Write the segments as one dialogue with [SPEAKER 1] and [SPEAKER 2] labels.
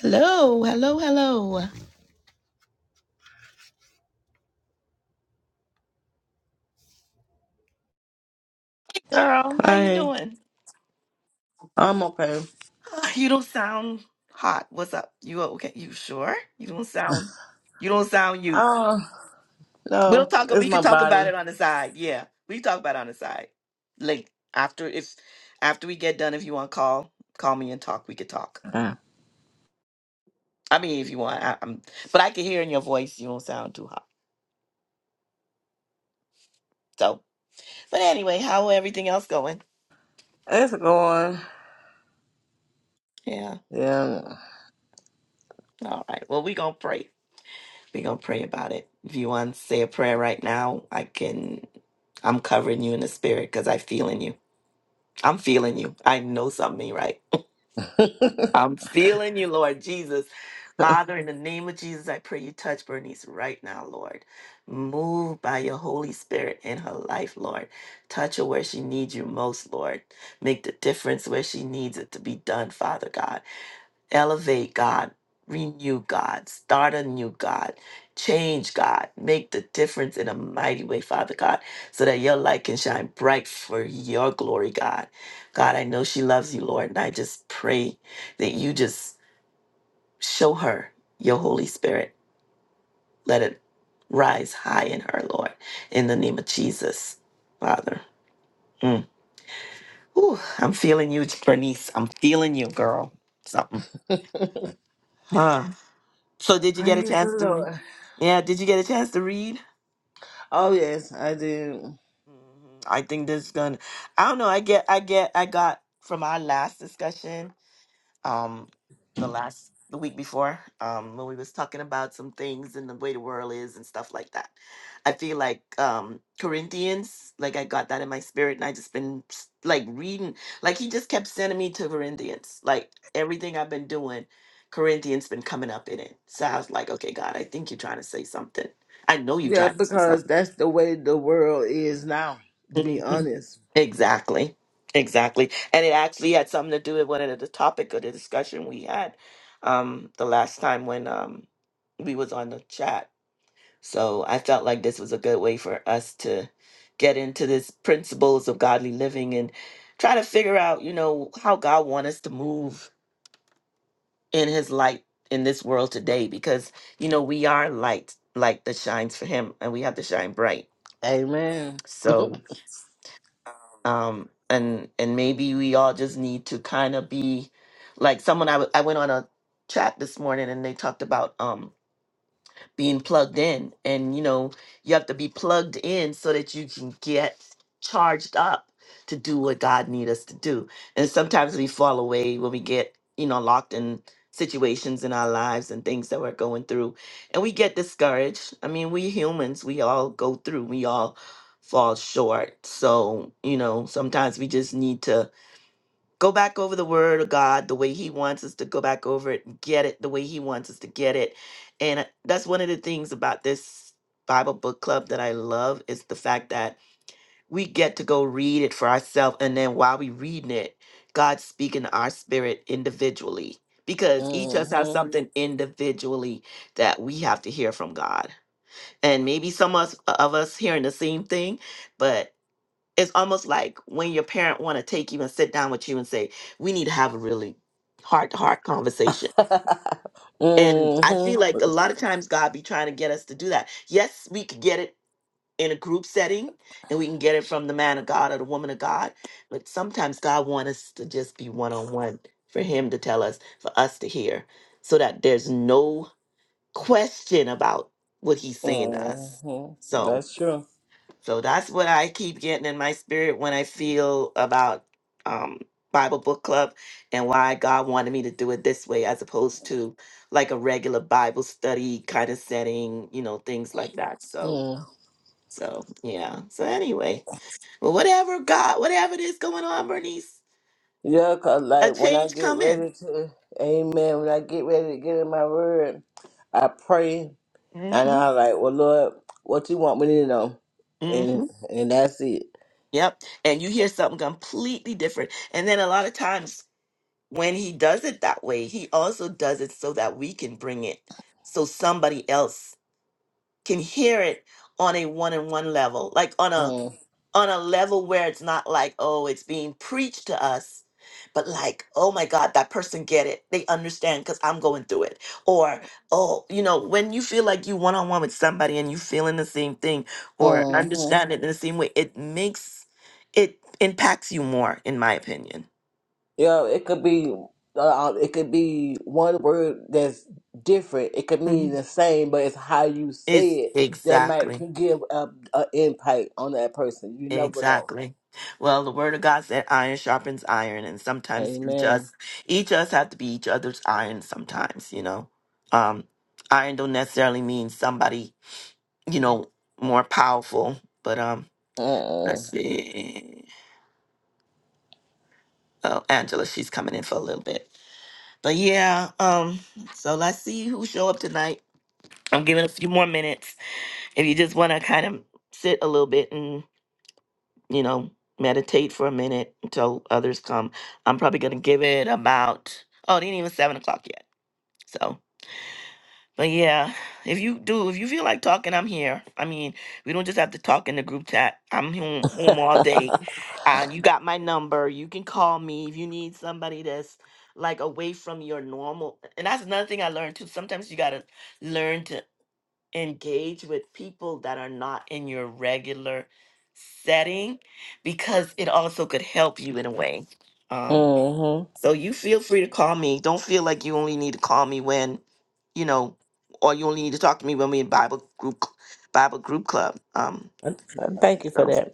[SPEAKER 1] Hello, hello, hello. Girl, how you
[SPEAKER 2] Hey,
[SPEAKER 1] doing?
[SPEAKER 2] I'm okay.
[SPEAKER 1] Ah, You don't sound hot. What's up? You okay? You sure? You don't sound you don't sound you.
[SPEAKER 2] Oh,
[SPEAKER 1] We'll
[SPEAKER 2] no,
[SPEAKER 1] talk
[SPEAKER 2] it's
[SPEAKER 1] we can
[SPEAKER 2] my
[SPEAKER 1] talk about
[SPEAKER 2] body.
[SPEAKER 1] it on the side. Yeah. We can talk about it on the side. Like after if after we get done, if you want to call, call me and talk. We could talk.
[SPEAKER 2] Uh,
[SPEAKER 1] I mean if you want. I, I'm but I can hear in your voice you don't sound too hot. So but anyway, how everything else going?
[SPEAKER 2] It's going.
[SPEAKER 1] Yeah.
[SPEAKER 2] Yeah.
[SPEAKER 1] All right. Well we gonna pray. we gonna pray about it. If you want to say a prayer right now, I can. I'm covering you in the spirit because I feeling you. I'm feeling you. I know something ain't right.
[SPEAKER 2] Praise
[SPEAKER 1] I'm feeling you, Lord Jesus. Father, in the name of Jesus, I pray you touch Bernice right now, Lord. Move by your Holy Spirit in her life, Lord. Touch her where she needs you most, Lord. Make the difference where she needs it to be done, Father God elevate God, renew God, start a new God, change God, make the difference in a mighty way, Father God, so that your light can shine bright for your glory, God. God, I know she loves you, Lord, and I just pray that you just show her your Holy Spirit. Let it rise high in her, Lord, in the name of Jesus, Father. Mm. Ooh, I'm feeling you, Bernice. I'm feeling you, girl. Something. Huh. So did you get a
[SPEAKER 2] the
[SPEAKER 1] chance to read?
[SPEAKER 2] Lord.
[SPEAKER 1] Yeah, did you get a chance to read?
[SPEAKER 2] Oh, yes, I do.
[SPEAKER 1] Mhm. I think this is gonna I don't know, I get I get I got from our last discussion um the last the week before um when we was talking about some things and the way the world is and stuff like that i feel like um corinthians like i got that in my spirit and i just been s- like reading like he just kept sending me to corinthians like everything i've been doing corinthians been coming up in it so i was like okay god i think you're trying to say something i know you're
[SPEAKER 2] Yeah,
[SPEAKER 1] trying to say
[SPEAKER 2] because
[SPEAKER 1] something
[SPEAKER 2] that's the way the world is now, to be
[SPEAKER 1] Mm-hmm.
[SPEAKER 2] honest.
[SPEAKER 1] Exactly. Exactly. And it actually had something to do with one of the topic of the discussion we had um the last time when um we was on the chat. So I felt like this was a good way for us to get into this principles of godly living and try to figure out, you know, how God wants us to move in his light in this world today because you know we are light, light that shines for him and we have to shine bright.
[SPEAKER 2] Amen.
[SPEAKER 1] So um and and maybe we all just need to kind of be like someone I w- I went on a chat this morning and they talked about um being plugged in. And, you know, you have to be plugged in so that you can get charged up to do what God needs us to do. And sometimes we fall away when we get, you know, locked in situations in our lives and things that we're going through. And we get discouraged. I mean, we humans, we all go through, we all fall short. So, you know, sometimes we just need to go back over the word of God the way he wants us to go back over it and get it the way he wants us to get it. And uh, that's one of the things about this Bible book club that I love is the fact that we get to go read it for ourselves and then while we reading it, God's speaking to our spirit individually because each of us has
[SPEAKER 2] hmm
[SPEAKER 1] something individually that we have to hear from God. And maybe some us- of us hearing the same thing, but it's almost like when your parent want to take you and sit down with you and say we need to have a really heart to heart conversation and i
[SPEAKER 2] hmm
[SPEAKER 1] feel like a lot of times god be trying to get us to do that yes we could get it in a group setting and we can get it from the man of god or the woman of god but sometimes god wants us to just be one-on-one for him to tell us for us to hear so that there's no question about what he's saying to us
[SPEAKER 2] hmm
[SPEAKER 1] So.
[SPEAKER 2] That's true.
[SPEAKER 1] So that's what I keep getting in my spirit when I feel about um, Bible book club and why God wanted me to do it this way as opposed to like a regular Bible study kind of setting, you know, things like that. So,
[SPEAKER 2] Mm.
[SPEAKER 1] so yeah. So anyway, well, whatever God, whatever it is going on, Bernice,
[SPEAKER 2] Yeah, cause
[SPEAKER 1] a
[SPEAKER 2] like when I
[SPEAKER 1] change
[SPEAKER 2] get
[SPEAKER 1] coming.
[SPEAKER 2] ready to, Amen. When I get ready to get in my word, I pray And
[SPEAKER 1] Mm-hmm.
[SPEAKER 2] I was like, well, Lord, what you want me to know? And
[SPEAKER 1] Mm-hmm.
[SPEAKER 2] and that's it.
[SPEAKER 1] Yep. And you hear something completely different. And then a lot of times when he does it that way, he also does it so that we can bring it, so somebody else can hear it on a one-on-one level, like on a on a level where it's not like, oh, it's being preached to us, but like, oh my God, that person get it. They understand because I'm going through it. Or, oh, you know, when you feel like you one-on-one with somebody and you feeling the same thing or Mhm.
[SPEAKER 2] Mm-hmm.
[SPEAKER 1] understand it in the same way, it makes it impacts you more, in my opinion.
[SPEAKER 2] Yeah, it could be. Uh, it could be one word that's different. It could mean
[SPEAKER 1] Mhm.
[SPEAKER 2] the same, but it's how you say
[SPEAKER 1] It's
[SPEAKER 2] it that might
[SPEAKER 1] exactly.
[SPEAKER 2] can give a, a impact on that person. You never know.
[SPEAKER 1] Exactly. Well, the word of God said iron sharpens iron and sometimes each
[SPEAKER 2] Amen.
[SPEAKER 1] us each us have to be each other's iron sometimes, you know. Um iron don't necessarily mean somebody, you know, more powerful, but um
[SPEAKER 2] Uh.
[SPEAKER 1] let's see. Oh, Angela, she's coming in for a little bit. But yeah, um so let's see who show up tonight. I'm giving a few more minutes if you just want to kind of sit a little bit you know, meditate for a minute until others come. I'm probably gonna give it about oh, it ain't even seven o'clock yet. So but yeah, if you do, if you feel like talking, I'm here. I mean, we don't just have to talk in the group chat. I'm home, home all day. Uh, you got my number. You can call me if you need somebody that's like away from your normal. And that's another thing I learned too. Sometimes you gotta learn to engage with people that are not in your regular setting because it also could help you in a way. Um,
[SPEAKER 2] mhm.
[SPEAKER 1] so you feel free to call me. Don't feel like you only need to call me when, you know, or you only need to talk to me when we in Bible group cl- Bible group club. Um,
[SPEAKER 2] Thank you for
[SPEAKER 1] so
[SPEAKER 2] that.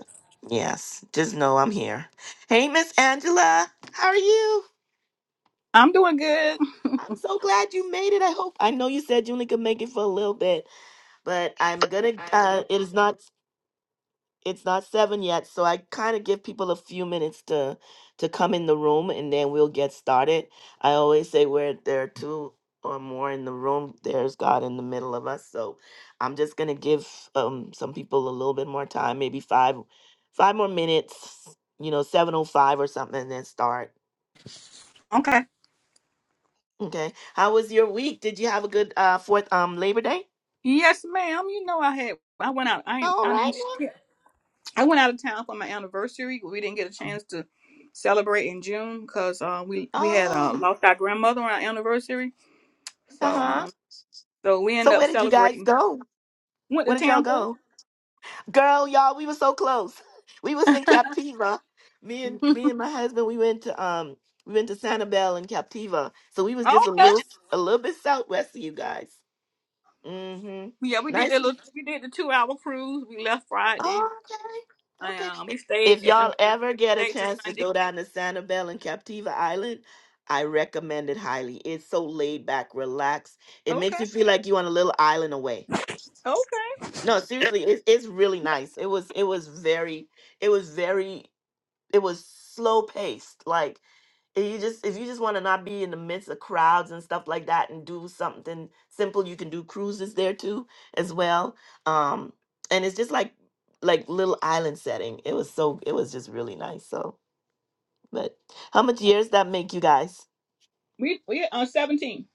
[SPEAKER 1] yes, just know I'm here. Hey Miss Angela, how are you?
[SPEAKER 3] I'm doing good.
[SPEAKER 1] I'm so glad you made it. I hope I know you said you only could make it for a little bit, but I'm gonna uh it is not it's not seven yet, so I kind of give people a few minutes to to come in the room, and then we'll get started. I always say where there are two or more in the room, there's God in the middle of us. So I'm just gonna give um some people a little bit more time, maybe five five more minutes, you know, seven oh five or something, and then start.
[SPEAKER 3] Okay.
[SPEAKER 1] Okay. How was your week? Did you have a good uh fourth um Labor Day?
[SPEAKER 3] Yes, ma'am. You know I had I went out I ain't
[SPEAKER 1] All
[SPEAKER 3] I
[SPEAKER 1] right.
[SPEAKER 3] didn't
[SPEAKER 1] now.
[SPEAKER 3] I went out of town for my anniversary. We didn't get a chance to celebrate in June because uh, we we had uh,
[SPEAKER 1] Oh,
[SPEAKER 3] lost our grandmother on our anniversary. So
[SPEAKER 1] uh huh.
[SPEAKER 3] um so we
[SPEAKER 1] So
[SPEAKER 3] ended up
[SPEAKER 1] where did you guys
[SPEAKER 3] celebrating.
[SPEAKER 1] go?
[SPEAKER 3] Went to
[SPEAKER 1] Where did y'all
[SPEAKER 3] Tampa.
[SPEAKER 1] go? Girl, y'all, we were so close. We was in Captiva. Me and me and my husband, we went to um we went to Sanibel and Captiva. So we was just a
[SPEAKER 3] Okay.
[SPEAKER 1] little a little bit southwest of you guys. Mm-hmm.
[SPEAKER 3] Yeah, we did
[SPEAKER 1] Nice.
[SPEAKER 3] that little we did the two hour cruise. We left Friday
[SPEAKER 1] Oh, okay.
[SPEAKER 3] and um, we
[SPEAKER 1] Okay.
[SPEAKER 3] stayed
[SPEAKER 1] If
[SPEAKER 3] at the
[SPEAKER 1] y'all
[SPEAKER 3] you know,
[SPEAKER 1] ever get a
[SPEAKER 3] stayed to
[SPEAKER 1] chance to
[SPEAKER 3] Sunday.
[SPEAKER 1] go down to Sanibel and Captiva Island, I recommend it highly. It's so laid back, relaxed. It makes
[SPEAKER 3] Okay.
[SPEAKER 1] you feel like you on a little island away.
[SPEAKER 3] Okay.
[SPEAKER 1] No, seriously, it's it's really nice. It was it was very it was very it was slow paced like if you just if you just want to not be in the midst of crowds and stuff like that and do something simple you can do cruises there too as well um and it's just like like little island setting it was so it was just really nice so but how much years that make you guys
[SPEAKER 3] We we on seventeen.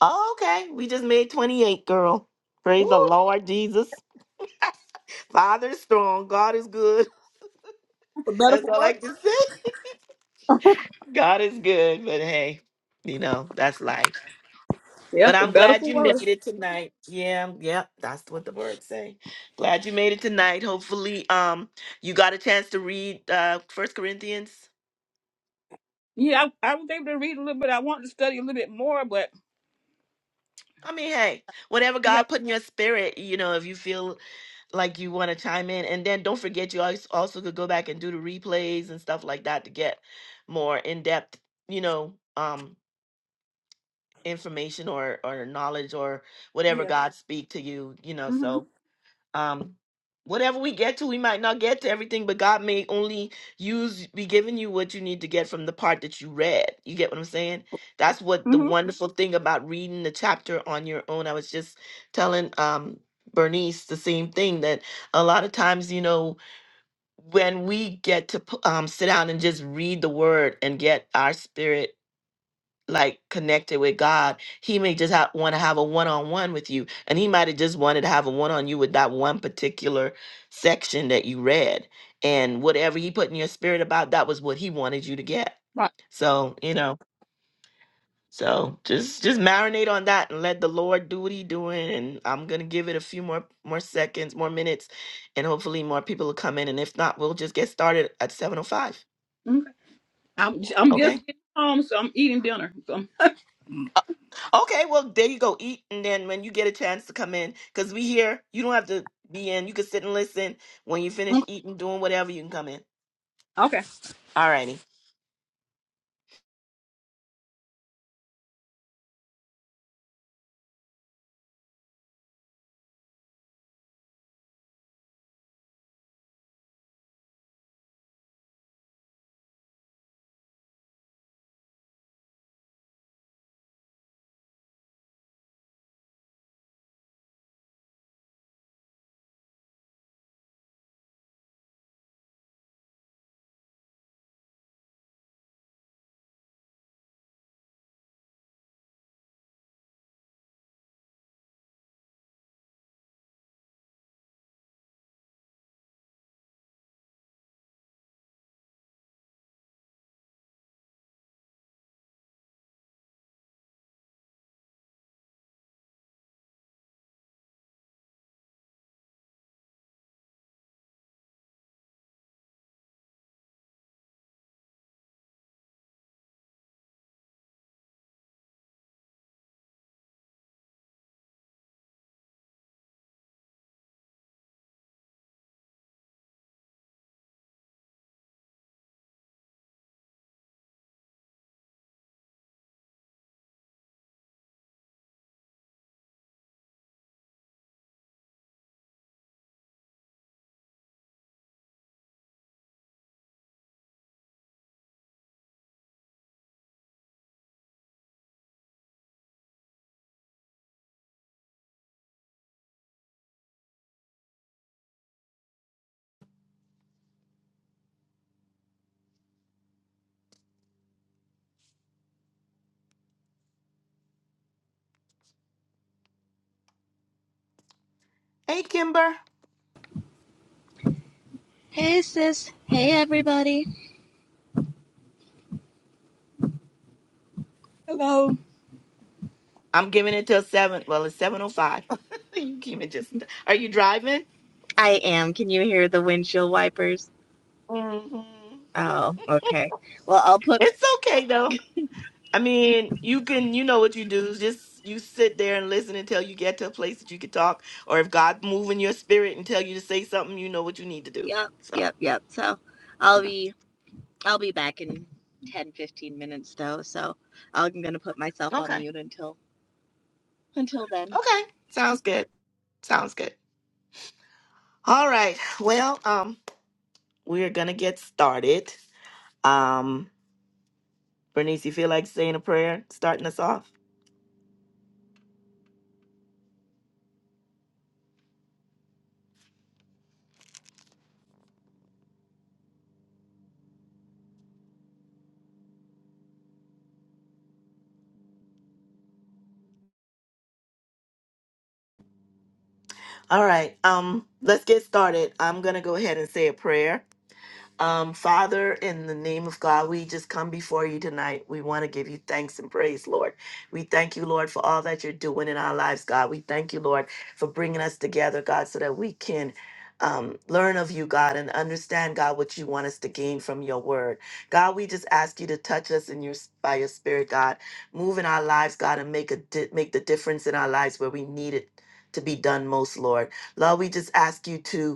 [SPEAKER 1] oh, okay we just made 28 girl praise the
[SPEAKER 3] Ooh,
[SPEAKER 1] lord jesus father is strong god is good
[SPEAKER 3] for better
[SPEAKER 1] that's
[SPEAKER 3] for
[SPEAKER 1] all i
[SPEAKER 3] worse.
[SPEAKER 1] can say god is good but hey you know that's life
[SPEAKER 3] Yeah,
[SPEAKER 1] But
[SPEAKER 3] for
[SPEAKER 1] I'm
[SPEAKER 3] better
[SPEAKER 1] glad
[SPEAKER 3] for
[SPEAKER 1] you made
[SPEAKER 3] worse.
[SPEAKER 1] it tonight. Yeah, i yeah, that's what the words say. Glad you made it tonight. Hopefully, um, you got a chance to read uh First Corinthians.
[SPEAKER 3] Yeah, I, I was able to read a little bit. I wanted to study a little bit more, but
[SPEAKER 1] I mean, hey, whatever
[SPEAKER 3] we
[SPEAKER 1] God
[SPEAKER 3] have
[SPEAKER 1] put in your spirit, you know, if you feel like you want to chime in, and then don't forget, you als- also could go back and do the replays and stuff like that to get more in depth, you know, um, information or or knowledge or whatever
[SPEAKER 3] yeah.
[SPEAKER 1] God speak to you, you know.
[SPEAKER 3] Mhm.
[SPEAKER 1] So um whatever we get to we might not get to everything but god may only use be giving you what you need to get from the part that you read you get what i'm saying that's what the
[SPEAKER 3] Mhm.
[SPEAKER 1] wonderful thing about reading the chapter on your own i was just telling um bernice the same thing that a lot of times you know when we get to p- um, sit down and just read the word and get our spirit like connected with God, he may just ha- want to have a one on one with you, and he might have just wanted to have a one on you with that one particular section that you read, and whatever he put in your spirit about that was what he wanted you to get.
[SPEAKER 3] Right.
[SPEAKER 1] So you know, so just just marinate on that and let the Lord do what He doing. And I'm gonna give it a few more more seconds, more minutes, and hopefully more people will come in. And if not, we'll just get started at 7:05.
[SPEAKER 3] Mhm. I'm j- I'm
[SPEAKER 1] Okay.
[SPEAKER 3] just getting home, so I'm eating dinner. So
[SPEAKER 1] Okay, well, there you go. Eat, and then when you get a chance to come in, because we here, you don't have to be in. You can sit and listen. When you finish
[SPEAKER 3] okay.
[SPEAKER 1] eating, doing whatever, you can come in.
[SPEAKER 3] okay.
[SPEAKER 1] All righty. Hey, Kimber.
[SPEAKER 4] Hey, sis. Hey, everybody.
[SPEAKER 3] Hello.
[SPEAKER 1] I'm giving it till 7. Well, it's 7.05. you came in just... Are you driving?
[SPEAKER 4] I am. Can you hear the windshield wipers?
[SPEAKER 1] hmm
[SPEAKER 4] Oh, okay. Well, I'll put.
[SPEAKER 1] It's okay, though. I mean, you can... You know what you do. Just you sit there and listen until you get to a place that you can talk. Or if God move in your spirit and tell you to say something, you know what you need to do.
[SPEAKER 4] Yep,
[SPEAKER 1] So,
[SPEAKER 4] yep, yep. So, I'll be. I'll be back in 10, 15 minutes though. So, I'm gonna put myself on
[SPEAKER 1] okay.
[SPEAKER 4] mute until until then.
[SPEAKER 1] Okay. Sounds good. Sounds good. All right. Well, um, we're gonna get started. Um, Bernice, you feel like saying a prayer, starting us off? All right. Um, let's get started. I'm gonna go ahead and say a prayer. Um, Father, in the name of God, we just come before you tonight. We want to give you thanks and praise, Lord. We thank you, Lord, for all that you're doing in our lives, God. We thank you, Lord, for bringing us together, God, so that we can. Um, learn of you, God, and understand, God, what you want us to gain from your word. God, we just ask you to touch us in your by your spirit, God. Move in our lives, God, and make a di- make the difference in our lives where we need it to be done most, Lord. Lord, we just ask you to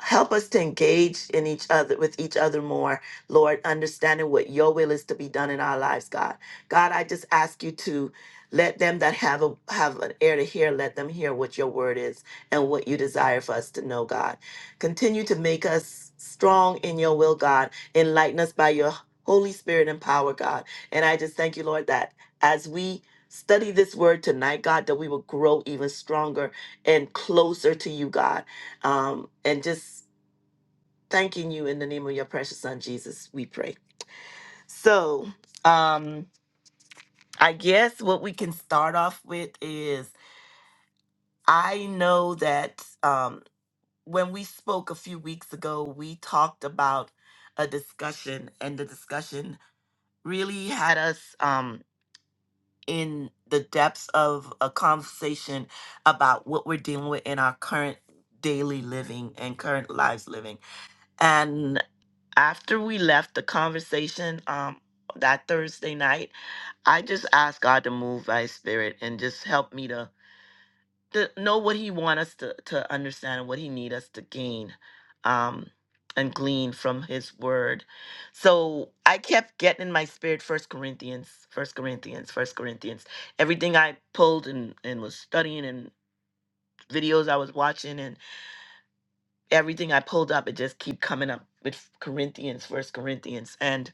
[SPEAKER 1] Help us to engage in each other with each other more, Lord, understanding what your will is to be done in our lives, God. God, I just ask you to let them that have a have an ear to hear, let them hear what your word is and what you desire for us to know, God. Continue to make us strong in your will, God. Enlighten us by your Holy Spirit and power, God. And I just thank you, Lord, that as we study this word tonight, God, that we will grow even stronger and closer to you, God um, and just thanking you in the name of your precious son Jesus, we pray. So, um, I guess what we can start off with is I know that um, when we spoke a few weeks ago, we talked about a discussion, and the discussion really had us um, in the depths of a conversation about what we're dealing with in our current daily living and current lives living. after we left the conversation um that Thursday night, I just asked God to move by his spirit and just help me to, to know what he want us to, to understand and what he need us to gain um and glean from his word. So I kept getting in my spirit first Corinthians, first Corinthians, first Corinthians. Everything I pulled and, and was studying and videos I was watching and everything I pulled up, it just keep coming up with Corinthians, first Corinthians. And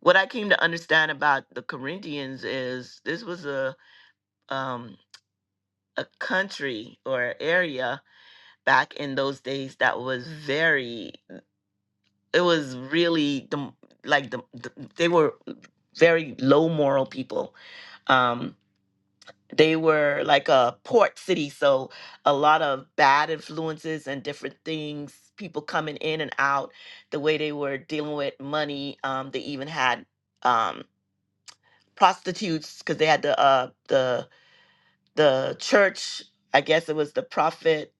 [SPEAKER 1] What I came to understand about the Corinthians is this was a um a country or area back in those days that was very it was really the like the, the they were very low moral people um they were like a port city so a lot of bad influences and different things people coming in and out the way they were dealing with money um they even had um prostitutes because they had the uh the the church i guess it was the prophet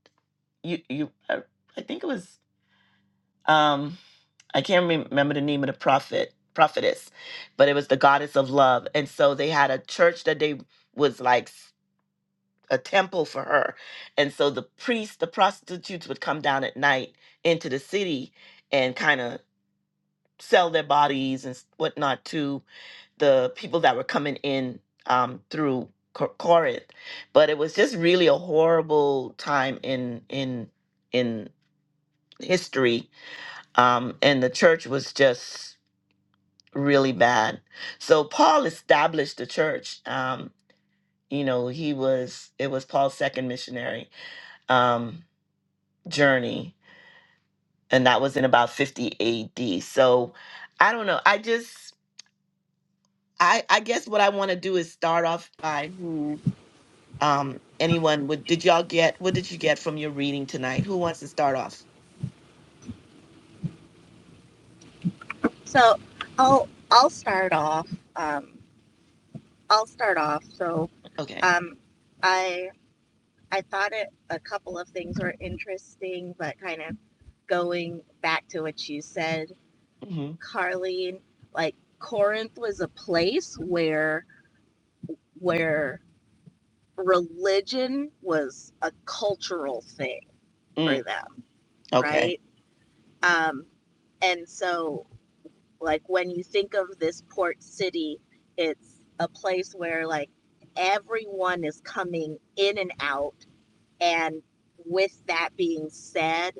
[SPEAKER 1] you you uh, i think it was um i can't rem- remember the name of the prophet prophetess but it was the goddess of love and so they had a church that they was like s- a temple for her and so the priests the prostitutes would come down at night into the city and kind of sell their bodies and s- whatnot to. the people that were coming in um, through Cor- Corinth, but it was just really a horrible time in in in history, um, and the church was just really bad. So Paul established the church. Um, you know, he was it was Paul's second missionary um, journey, and that was in about fifty A.D. So I don't know. I just I I guess what I want to do is start off by Um, anyone would, did y'all get, what did you get from your reading tonight? Who wants to start off?
[SPEAKER 4] So, I'll I'll start off. Um, I'll start off. So,
[SPEAKER 1] Okay.
[SPEAKER 4] um, I I thought it, a couple of things were interesting, but kind of going back to what you said
[SPEAKER 1] hmm
[SPEAKER 4] Carlene, like Corinth was a place where where religion was a cultural thing
[SPEAKER 1] Mm.
[SPEAKER 4] for them,
[SPEAKER 1] Okay.
[SPEAKER 4] right? Um, and so, like when you think of this port city, it's a place where like everyone is coming in and out, and with that being said,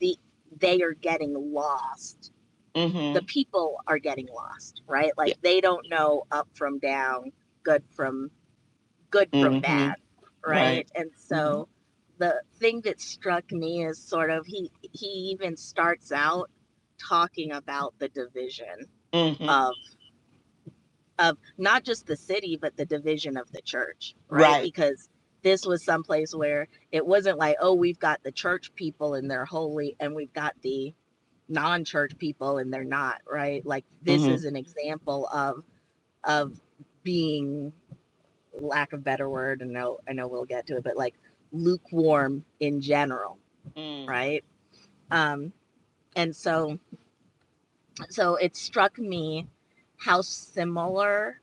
[SPEAKER 4] the they are getting lost
[SPEAKER 1] hmm
[SPEAKER 4] the people are getting lost, right?
[SPEAKER 1] Yeah.
[SPEAKER 4] Like they don't know up from down, good from good from
[SPEAKER 1] hmm
[SPEAKER 4] bad,
[SPEAKER 1] Right.
[SPEAKER 4] right? And
[SPEAKER 1] hmm
[SPEAKER 4] so the thing that struck me is sort of he he even starts out talking about the division
[SPEAKER 1] hmm
[SPEAKER 4] of of not just the city but the division of the church, right?
[SPEAKER 1] Right.
[SPEAKER 4] Because this was someplace where it wasn't like, oh, we've got the church people and they're holy, and we've got the non-church people and they're not right like this
[SPEAKER 1] hmm
[SPEAKER 4] is an example of of being lack of better word and no i know we'll get to it but like lukewarm in general
[SPEAKER 1] Mm.
[SPEAKER 4] right um and so so it struck me how similar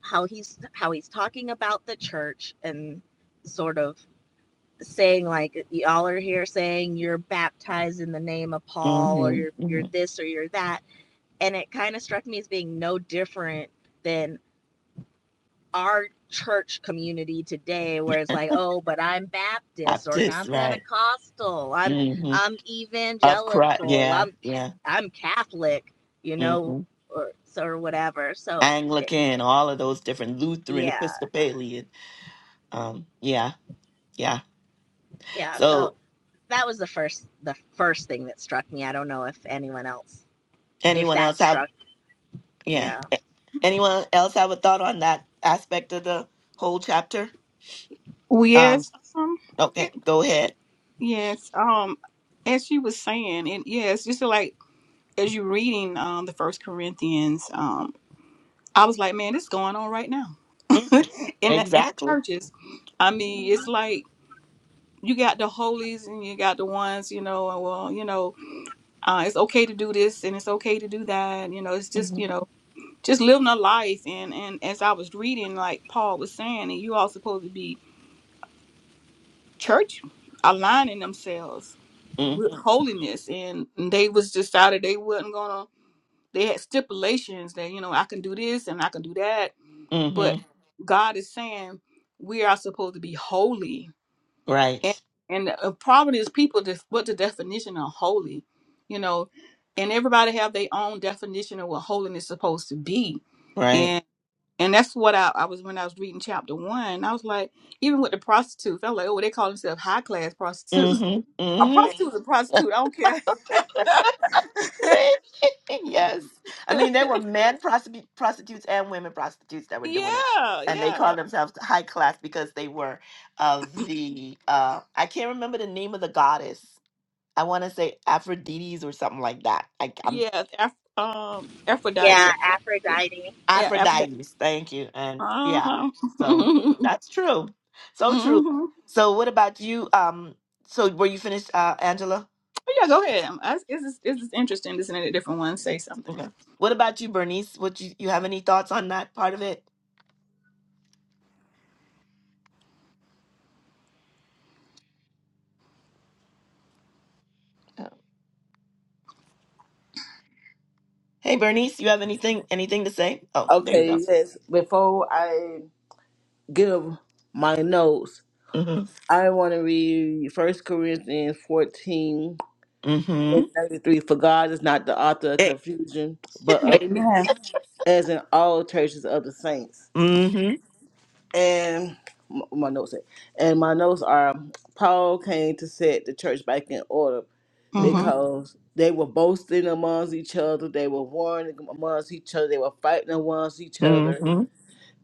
[SPEAKER 4] how he's how he's talking about the church and sort of saying like y'all are here saying you're baptized in the name of paul or
[SPEAKER 1] hmm
[SPEAKER 4] you're
[SPEAKER 1] hmm
[SPEAKER 4] you're this or you're that and it kind of struck me as being no different than our church community today where it's like oh but i'm baptist or
[SPEAKER 1] Baptist,
[SPEAKER 4] I'm
[SPEAKER 1] right.
[SPEAKER 4] pentecostal i'm
[SPEAKER 1] hmm
[SPEAKER 4] i'm
[SPEAKER 1] Of Christ.
[SPEAKER 4] evangelical
[SPEAKER 1] Yeah.
[SPEAKER 4] i'm
[SPEAKER 1] Yeah.
[SPEAKER 4] i'm catholic you know
[SPEAKER 1] hmm
[SPEAKER 4] or so or whatever so it,
[SPEAKER 1] Anglican, all of those different Lutheran,
[SPEAKER 4] yeah
[SPEAKER 1] Episcopalian. Um, yeah. Yeah.
[SPEAKER 4] yeah so
[SPEAKER 1] So
[SPEAKER 4] that was the first the first thing that struck me i don't know if anyone else if
[SPEAKER 1] anyone else
[SPEAKER 4] that
[SPEAKER 1] have,
[SPEAKER 4] struck
[SPEAKER 1] yeah.
[SPEAKER 4] yeah
[SPEAKER 1] Anyone else have a thought on that aspect of the whole chapter? Um,
[SPEAKER 3] Yes. Um. It.
[SPEAKER 1] okay, go ahead.
[SPEAKER 3] Yes. Um. As she was saying, and yes, just like as you reading um the First Corinthians, um, I was like, man, this is going on right now
[SPEAKER 1] hmm
[SPEAKER 3] in the, in the
[SPEAKER 1] Exactly.
[SPEAKER 3] churches. I mean, it's
[SPEAKER 1] hmm
[SPEAKER 3] like you got the holies and you got the ones, you know, and well, you know uh, it's okay to do this and it's okay to do that. You know, it's just
[SPEAKER 1] hmm
[SPEAKER 3] you know, just living a life. And and as I was reading, like Paul was saying, and you all supposed to be church aligning themselves with
[SPEAKER 1] hmm
[SPEAKER 3] holiness, and they was decided they wasn't gonna. They had stipulations that you know I can do this and I can do that, but
[SPEAKER 1] hmm
[SPEAKER 3] God is saying we are supposed to be holy and
[SPEAKER 1] Right.
[SPEAKER 3] and the uh, problem is people just what the definition of holy you know and everybody have their own definition of what holiness is supposed to be
[SPEAKER 1] Right.
[SPEAKER 3] and and that's what I, I was when I was reading chapter one. I was like, even with the prostitutes, I was like, oh, they call themselves high class prostitutes.
[SPEAKER 1] hmm
[SPEAKER 3] A
[SPEAKER 1] hmm
[SPEAKER 3] prostitute is a prostitute. I don't care.
[SPEAKER 1] yes. I mean, there were men prostitu- prostitutes and women prostitutes that were doing it.
[SPEAKER 3] yeah,
[SPEAKER 1] And they
[SPEAKER 3] yeah,
[SPEAKER 1] called themselves high class because they were of the, uh, I can't remember the name of the goddess. I want to say Aphrodite's or something like that. I, I'm
[SPEAKER 3] yeah. Af- um, Aphrodite.
[SPEAKER 4] yeah
[SPEAKER 3] So
[SPEAKER 4] aphrodite
[SPEAKER 3] yeah, Aphrodite.
[SPEAKER 1] Aphrodites, thank you. And
[SPEAKER 3] Uh
[SPEAKER 1] yeah,
[SPEAKER 3] huh.
[SPEAKER 1] so that's true. So true.
[SPEAKER 3] hmm
[SPEAKER 1] So what about you? Um, so were you finished, uh, Angela?
[SPEAKER 3] Oh, yeah, go ahead. I, it's, just, it's just interesting listening to different ones say something.
[SPEAKER 1] Okay. What about you, Bernice? What you, you have any thoughts on that part of it? Oh. Hey, Bernice, you have anything anything to say? Oh, there you go.
[SPEAKER 2] Okay. Yes. Before I give my notes,
[SPEAKER 1] Mm-hmm.
[SPEAKER 2] I want to read First Corinthians 14
[SPEAKER 1] Mm-hmm.
[SPEAKER 2] and 33. For God is not the author of
[SPEAKER 1] Hey.
[SPEAKER 2] confusion, but of
[SPEAKER 3] Amen.
[SPEAKER 2] peace, as in all churches of the saints.
[SPEAKER 1] Mm-hmm.
[SPEAKER 2] And m- my notes say, and my notes are Paul came to set the church back in order
[SPEAKER 1] Mm-hmm.
[SPEAKER 3] Mm-hmm.
[SPEAKER 2] because they were boasting amongst each other, they were warring amongst each other, they were fighting amongst each other
[SPEAKER 1] Mm-hmm.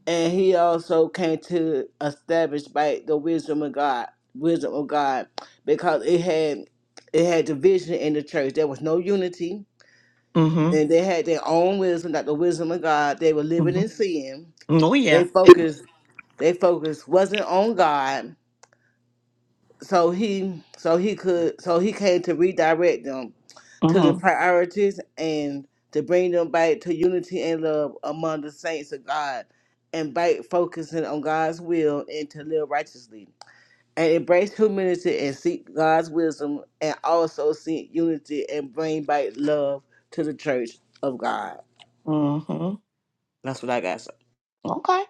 [SPEAKER 2] and he also came to establish by the wisdom of God, wisdom of God, because it had it had division in the church. There was no unity,
[SPEAKER 1] Mm-hmm.
[SPEAKER 2] and they had their own wisdom, not the wisdom of God. They were living in
[SPEAKER 1] Mm-hmm.
[SPEAKER 2] sin.
[SPEAKER 1] Oh yeah.
[SPEAKER 2] They focused. They focus wasn't on God so he so he could so he came to redirect them to the
[SPEAKER 1] Mm-hmm.
[SPEAKER 2] priorities and to bring them back to unity and love among the saints of God and back focusing on God's will and to live righteously and embrace humility and seek God's wisdom and also seek unity and bring back love to the church of God.
[SPEAKER 1] Mm-hmm.
[SPEAKER 2] That's what I got. sir.
[SPEAKER 1] Okay.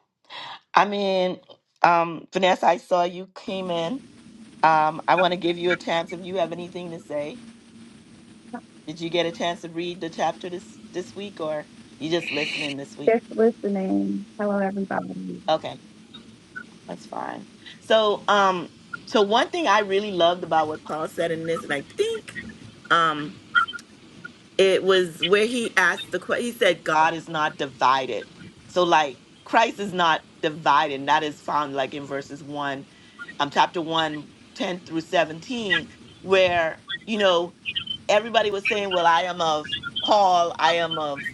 [SPEAKER 1] I mean, um, Vanessa, I saw you came in. Um, I want to give you a chance if you have anything to say. Did you get a chance to read the chapter this this week, or you just listening this week?
[SPEAKER 5] Just listening. Hello, everybody.
[SPEAKER 1] Okay, that's fine. So, um, so one thing I really loved about what Paul said in this, and I think, um, it was where he asked the question. He said, "God is not divided." So, like Christ is not divided. And that is found like in verses one, um, chapter one, 10 through seventeen, where you know everybody was saying, Well, I am of Paul, I am of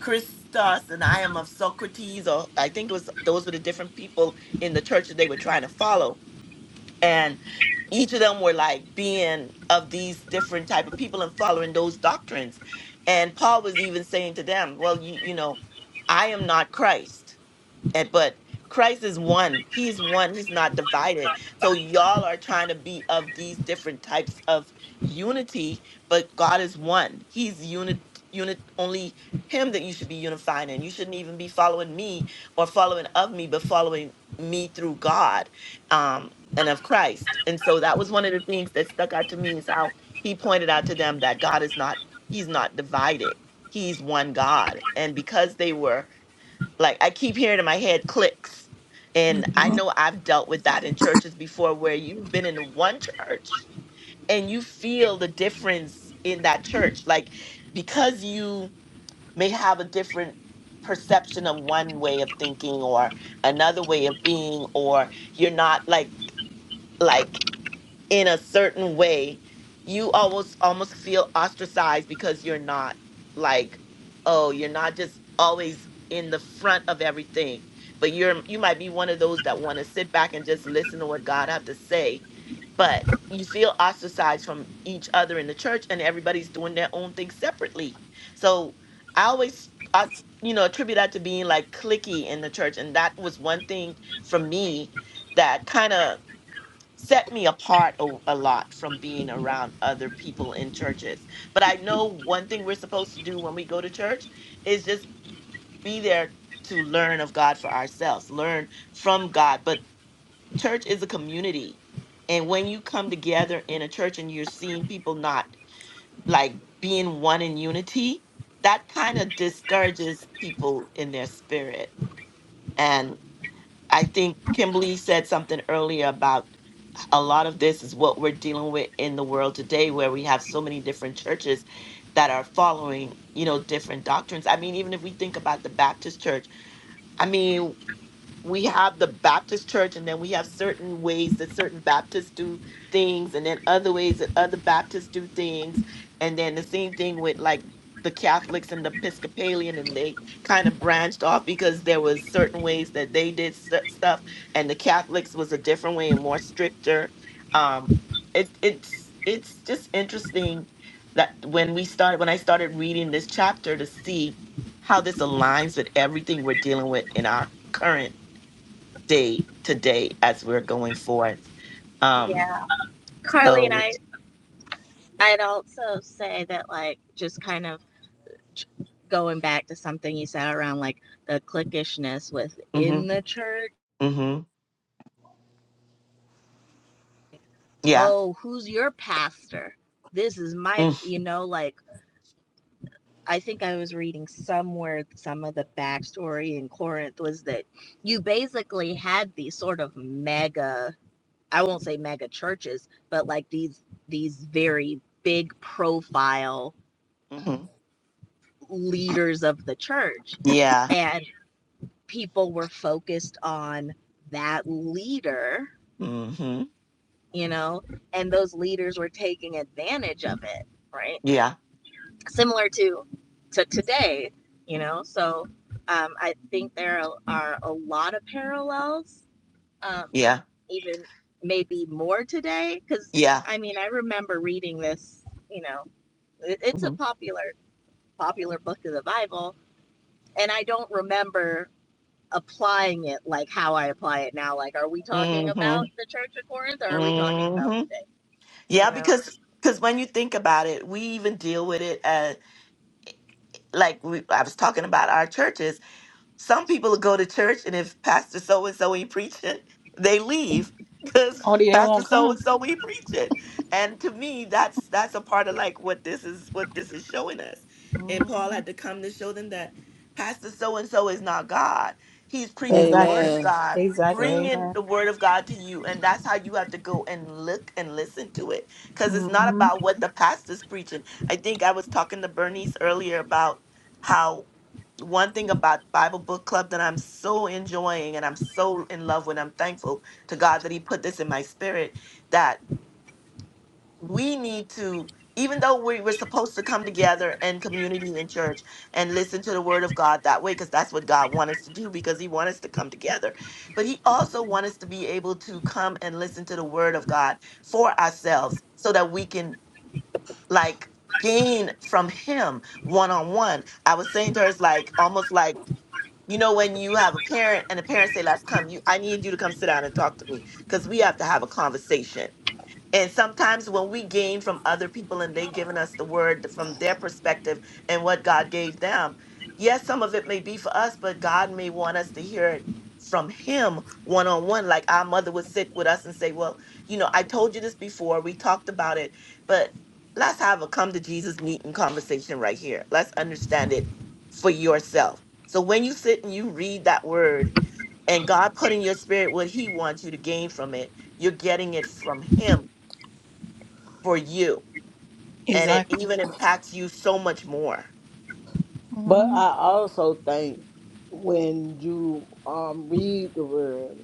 [SPEAKER 1] Christos, and I am of Socrates, or I think it was those were the different people in the church that they were trying to follow. And each of them were like being of these different type of people and following those doctrines. And Paul was even saying to them, Well, you you know, I am not Christ. And but Christ is one. He's one. He's not divided. So y'all are trying to be of these different types of unity, but God is one. He's unit unit only him that you should be unifying in. You shouldn't even be following me or following of me, but following me through God um and of Christ. And so that was one of the things that stuck out to me is how he pointed out to them that God is not he's not divided. He's one God. And because they were like I keep hearing in my head clicks. And I
[SPEAKER 3] hmm
[SPEAKER 1] know I've dealt with that in churches before where you've been in one church and you feel the difference in that church. Like because you may have a different perception of one way of thinking or another way of being, or you're not like like in a certain way, you almost almost feel ostracized because you're not like, oh, you're not just always in the front of everything, but you're you might be one of those that want to sit back and just listen to what God have to say, but you feel ostracized from each other in the church, and everybody's doing their own thing separately. So I always I you know attribute that to being like clicky in the church, and that was one thing for me that kind of set me apart a, a lot from being around other people in churches. But I know one thing we're supposed to do when we go to church is just be there to learn of God for ourselves, learn from God. But church is a community. And when you come together in a church and you're seeing people not like being one in unity, that kind of discourages people in their spirit. And I think Kimberly said something earlier about a lot of this is what we're dealing with in the world today where we have so many different churches that are following you know different doctrines i mean even if we think about the baptist church i mean we have the Baptist church, and then we have certain ways that certain Baptists do things, and then other ways that other Baptists do things. And then the same thing with like the Catholics and the Episcopalian, and they kind of branched off because there was certain ways that they did stu- stuff, and the Catholics was a different way and more stricter. Um, it, it's it's just interesting that when we started when I started reading this chapter to see how this aligns with everything we're dealing with in our current day to day as we're going forth. Um,
[SPEAKER 4] yeah carly and
[SPEAKER 1] so,
[SPEAKER 4] i I'd also say that, like, just kind of going back to something you said around like the cliquishness
[SPEAKER 1] hmm
[SPEAKER 4] within the church.
[SPEAKER 1] hmm yeah,
[SPEAKER 4] Oh, who's your pastor? This is my, you know, like, I think I was reading somewhere some of the backstory in Corinth was that you basically had these sort of mega, I won't say mega churches, but like these, these very big profile
[SPEAKER 1] mm-hmm,
[SPEAKER 4] leaders of the church.
[SPEAKER 1] yeah,
[SPEAKER 4] And people were focused on that leader,
[SPEAKER 1] hmm
[SPEAKER 4] you know, and those leaders were taking advantage of it, right?
[SPEAKER 1] yeah,
[SPEAKER 4] Similar to to today, you know.
[SPEAKER 1] hmm
[SPEAKER 4] So um, I think there are, are a lot of parallels, um,
[SPEAKER 1] yeah,
[SPEAKER 4] even maybe more today, because
[SPEAKER 1] yeah,
[SPEAKER 4] I mean I remember reading this, you know, it, it's a
[SPEAKER 1] hmm
[SPEAKER 4] popular popular book of the Bible, and I don't remember applying it like how I apply it now. Like, are we talking
[SPEAKER 1] hmm
[SPEAKER 4] about the Church of Corinth or are we talking about
[SPEAKER 1] hmm
[SPEAKER 4] today?
[SPEAKER 1] yeah,
[SPEAKER 4] You know?
[SPEAKER 1] because because when you think about it, we even deal with it as like we, I was talking about our churches Some people will go to church, and if Pastor so and so ain't preaching, they leave because
[SPEAKER 3] Oh, they
[SPEAKER 1] Pastor
[SPEAKER 3] won't
[SPEAKER 1] so
[SPEAKER 3] come.
[SPEAKER 1] and so ain't preaching. And to me, that's that's a part of like what this is what this is showing us. And
[SPEAKER 3] Mhm.
[SPEAKER 1] Paul had to come to show them that Pastor so and so is not God. He's preaching the word
[SPEAKER 3] Exactly.
[SPEAKER 1] of
[SPEAKER 2] Amen.
[SPEAKER 1] God,
[SPEAKER 3] Exactly.
[SPEAKER 1] bringing
[SPEAKER 3] Amen.
[SPEAKER 1] the word of God to you, and that's how you have to go and look and listen to it because it's not
[SPEAKER 3] hmm
[SPEAKER 1] about what the pastor's preaching. I think I was talking to Bernice earlier about how one thing about Bible Book Club that I'm so enjoying and I'm so in love with. I'm thankful to God that He put this in my spirit that we need to, even though we, we're supposed to come together in community in church and listen to the Word of God that way, because that's what God wants us to do, because He wants us to come together. But He also wants us to be able to come and listen to the Word of God for ourselves so that we can, like, gain from Him one on one. I was saying to her, it's like almost like, you know, when you have a parent and the parents say, "Let's come," you, I need you to come sit down and talk to me because we have to have a conversation. And sometimes when we gain from other people and they giving us the word from their perspective and what God gave them, yes, some of it may be for us, but God may want us to hear it from him one on one like our mother would sit with us and say well you know i told you this before we talked about it but let's have a come to jesus meeting conversation right here let's understand it for yourself so when you sit and you read that word and god put in your spirit what he wants you to gain from it you're getting it from him for you and it
[SPEAKER 3] Exactly.
[SPEAKER 1] even impacts you so much more
[SPEAKER 2] But
[SPEAKER 3] Mm.
[SPEAKER 2] I also think when you um read the word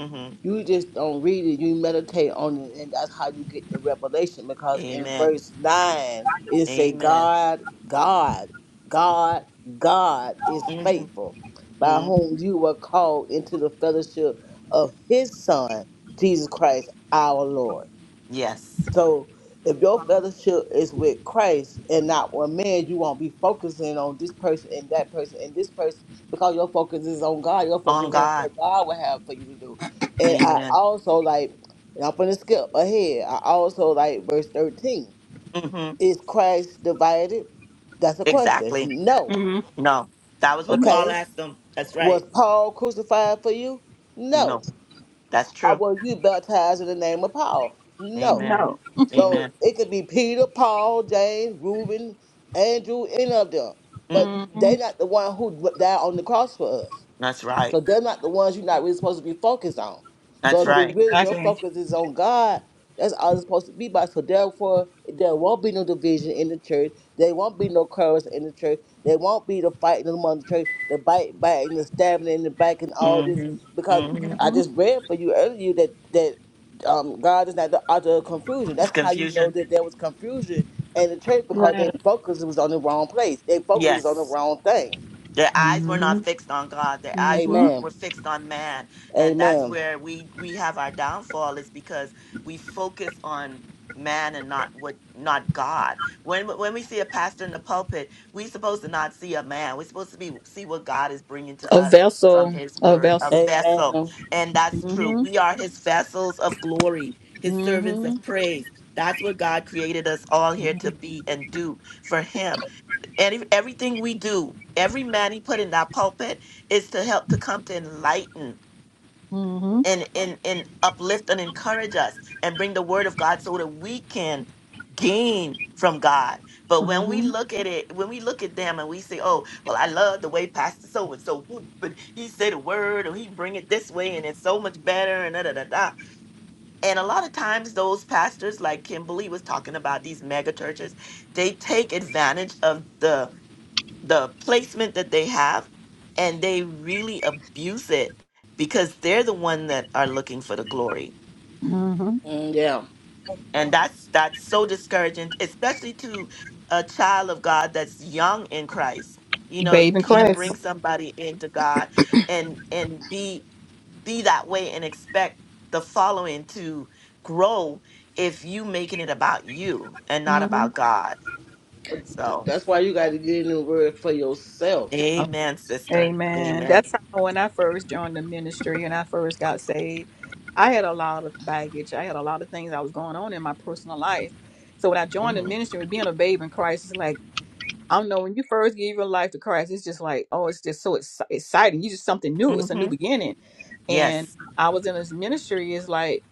[SPEAKER 1] hmm
[SPEAKER 2] You just don't read it, you meditate on it, and that's how you get the revelation. Because in
[SPEAKER 1] amen
[SPEAKER 2] verse 9, it say,
[SPEAKER 1] amen
[SPEAKER 2] God, God, God, God is
[SPEAKER 1] hmm
[SPEAKER 2] faithful, by
[SPEAKER 1] hmm
[SPEAKER 2] whom you were called into the fellowship of his Son, Jesus Christ, our Lord.
[SPEAKER 1] yes
[SPEAKER 2] So if your fellowship is with Christ and not with man, you won't be focusing on this person and that person and this person because your focus is on God. Your
[SPEAKER 1] on
[SPEAKER 2] focus is on
[SPEAKER 1] god
[SPEAKER 2] what God would have for you to do. And I
[SPEAKER 1] amen
[SPEAKER 2] also like, and I'm going to skip ahead. I also like verse 13.
[SPEAKER 1] hmm
[SPEAKER 2] Is Christ divided? That's a question.
[SPEAKER 1] exactly
[SPEAKER 2] No.
[SPEAKER 3] hmm
[SPEAKER 1] no that was
[SPEAKER 3] hmm
[SPEAKER 1] what paul
[SPEAKER 2] Okay.
[SPEAKER 1] asked them that's right
[SPEAKER 2] Was Paul crucified for you?
[SPEAKER 1] no
[SPEAKER 2] No.
[SPEAKER 1] that's
[SPEAKER 2] Or
[SPEAKER 1] true
[SPEAKER 2] was you baptized in the name of Paul? No.
[SPEAKER 1] amen
[SPEAKER 3] No.
[SPEAKER 2] So
[SPEAKER 1] amen
[SPEAKER 2] it could be Peter, Paul, James, Reuben, Andrew, any of them. But
[SPEAKER 1] hmm
[SPEAKER 3] hmm
[SPEAKER 2] they not the one who died on the cross for us.
[SPEAKER 1] that's right
[SPEAKER 2] So they're not the ones you're not really supposed to be focused on. So
[SPEAKER 1] that's
[SPEAKER 2] if you
[SPEAKER 1] right
[SPEAKER 2] really your
[SPEAKER 3] Exactly.
[SPEAKER 2] focus is on God, that's all it's supposed to be about. So therefore, there won't be no division in the church. There won't be no quarrels in the church. There won't be the fighting among the church, the bite biting, the stabbing in the back, and all this.
[SPEAKER 1] hmm
[SPEAKER 2] Because
[SPEAKER 1] hmm
[SPEAKER 2] I
[SPEAKER 3] hmm
[SPEAKER 2] just read for you earlier that that um, God is not the author of confusion.
[SPEAKER 1] of
[SPEAKER 2] That's how you know
[SPEAKER 1] confusion
[SPEAKER 2] that there was confusion in the church because their
[SPEAKER 3] Right.
[SPEAKER 2] focus was on the wrong place. Their focus was on
[SPEAKER 1] yes
[SPEAKER 2] the wrong thing.
[SPEAKER 1] Their eyes were
[SPEAKER 3] hmm
[SPEAKER 1] not fixed on God. Their eyes were
[SPEAKER 3] hmm
[SPEAKER 1] on,
[SPEAKER 2] Amen.
[SPEAKER 1] were fixed on man, and that's
[SPEAKER 2] Amen.
[SPEAKER 1] where we we have our downfall. Is because we focus on man and not what not God. When when we see a pastor in the pulpit, we supposed to not see a man. We're supposed to be see what God is bringing to
[SPEAKER 3] A
[SPEAKER 1] us from
[SPEAKER 3] vessel.
[SPEAKER 1] His
[SPEAKER 3] A
[SPEAKER 1] Word, a
[SPEAKER 3] vessel.
[SPEAKER 1] vessel,
[SPEAKER 2] Amen.
[SPEAKER 1] and that's true.
[SPEAKER 3] hmm
[SPEAKER 1] We are His vessels of glory, His servants
[SPEAKER 3] hmm
[SPEAKER 1] of praise. That's what God created us all here to be and do for Him and everything we do, every man he put in that pulpit is to help to come to enlighten
[SPEAKER 3] hmm
[SPEAKER 1] and, and, and uplift and encourage us and bring the word of God so that we can gain from God. But
[SPEAKER 3] hmm
[SPEAKER 1] when we look at it, when we look at them and we say, oh, well, I love the way Pastor so and so, but he said a word or he bring it this way and it's so much better and da da da da. And a lot of times those pastors like Kimberly was talking about these mega churches, they take advantage of the the placement that they have and they really abuse it because they're the one that are looking for the glory
[SPEAKER 3] hmm
[SPEAKER 2] Mm, yeah.
[SPEAKER 1] and that's that's so discouraging especially to a child of god that's young in christ you know
[SPEAKER 3] Babe
[SPEAKER 1] you
[SPEAKER 3] in
[SPEAKER 1] can't bring somebody into god and and be be that way and expect the following to grow if you making it about you and not
[SPEAKER 3] Mm.
[SPEAKER 1] about god
[SPEAKER 2] But th-
[SPEAKER 1] so
[SPEAKER 2] that's why you got to get in the word for
[SPEAKER 3] hmm
[SPEAKER 2] yourself.
[SPEAKER 1] amen sister
[SPEAKER 3] Amen.
[SPEAKER 1] amen
[SPEAKER 3] That's how when I first joined the ministry and I first got saved, I had a lot of baggage. I had a lot of things that was going on in my personal life. So when I joined the
[SPEAKER 1] hmm
[SPEAKER 3] ministry with being a babe in Christ, it's like, I don't know, when you first give your life to Christ, it's just like, oh, it's just so exci- exciting. You just something new. It's a new beginning. And
[SPEAKER 1] Yes.
[SPEAKER 3] I was in this ministry, it's like,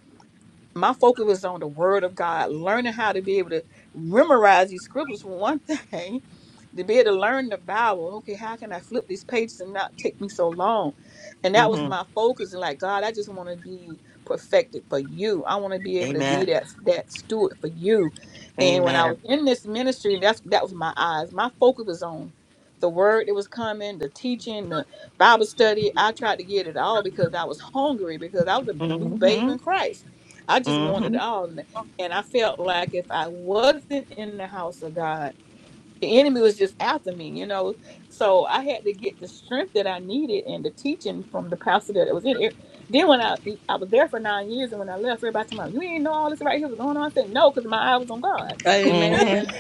[SPEAKER 3] my focus was on the word of God, learning how to be able to memorize these scriptures for one thing, to be able to learn the Bible. Okay, how can I flip these pages and not take me so long? And that was
[SPEAKER 1] hmm
[SPEAKER 3] my focus. And like, God, I just want to be perfected for you. I want to be able to be
[SPEAKER 1] Amen.
[SPEAKER 3] that that steward for you. And when I was
[SPEAKER 1] Amen.
[SPEAKER 3] in this ministry, that's that was my eyes. My focus was on the word that was coming, the teaching, the Bible study. I tried to get it all because I was hungry, because I was a new babe
[SPEAKER 1] hmm
[SPEAKER 3] in Christ I just wanted
[SPEAKER 1] hmm
[SPEAKER 3] it all. And and I felt like if I wasn't in the house of God, the enemy was just after me, you know. So I had to get the strength that I needed and the teaching from the pastor that was in it. Then when I e, I was there for nine years and when I left, everybody told me, You didn't know all this right here was going on. I said, No, because my eye was on God.
[SPEAKER 1] hmm
[SPEAKER 2] Amen.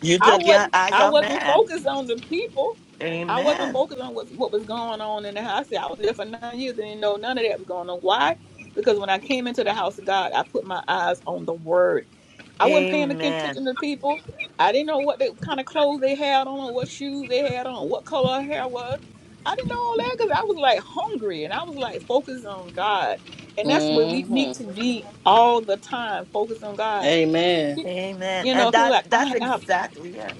[SPEAKER 1] You
[SPEAKER 3] I
[SPEAKER 1] took
[SPEAKER 3] was
[SPEAKER 1] your eyes
[SPEAKER 3] I
[SPEAKER 1] off
[SPEAKER 3] wasn't
[SPEAKER 1] man.
[SPEAKER 3] focused on the people. I wasn't
[SPEAKER 1] Amen.
[SPEAKER 3] focused on what what was going on in the house. I said I was there for nine years and didn't know none of that was going on. Why? Because when I came into the house of God, I put my eyes on the Word. I wasn't paying
[SPEAKER 1] Amen.
[SPEAKER 3] attention to people. I didn't know what they, kind of clothes they had on, or what shoes they had on, what color her hair was. I didn't know all that because I was like hungry and I was like focused on God, and that's where we need
[SPEAKER 2] Mm-hmm.
[SPEAKER 3] to be all the time, focused on God.
[SPEAKER 2] Amen.
[SPEAKER 1] Amen.
[SPEAKER 3] You know,
[SPEAKER 1] And
[SPEAKER 3] people
[SPEAKER 1] that's
[SPEAKER 3] like I
[SPEAKER 1] that's
[SPEAKER 3] have
[SPEAKER 1] exactly yeah.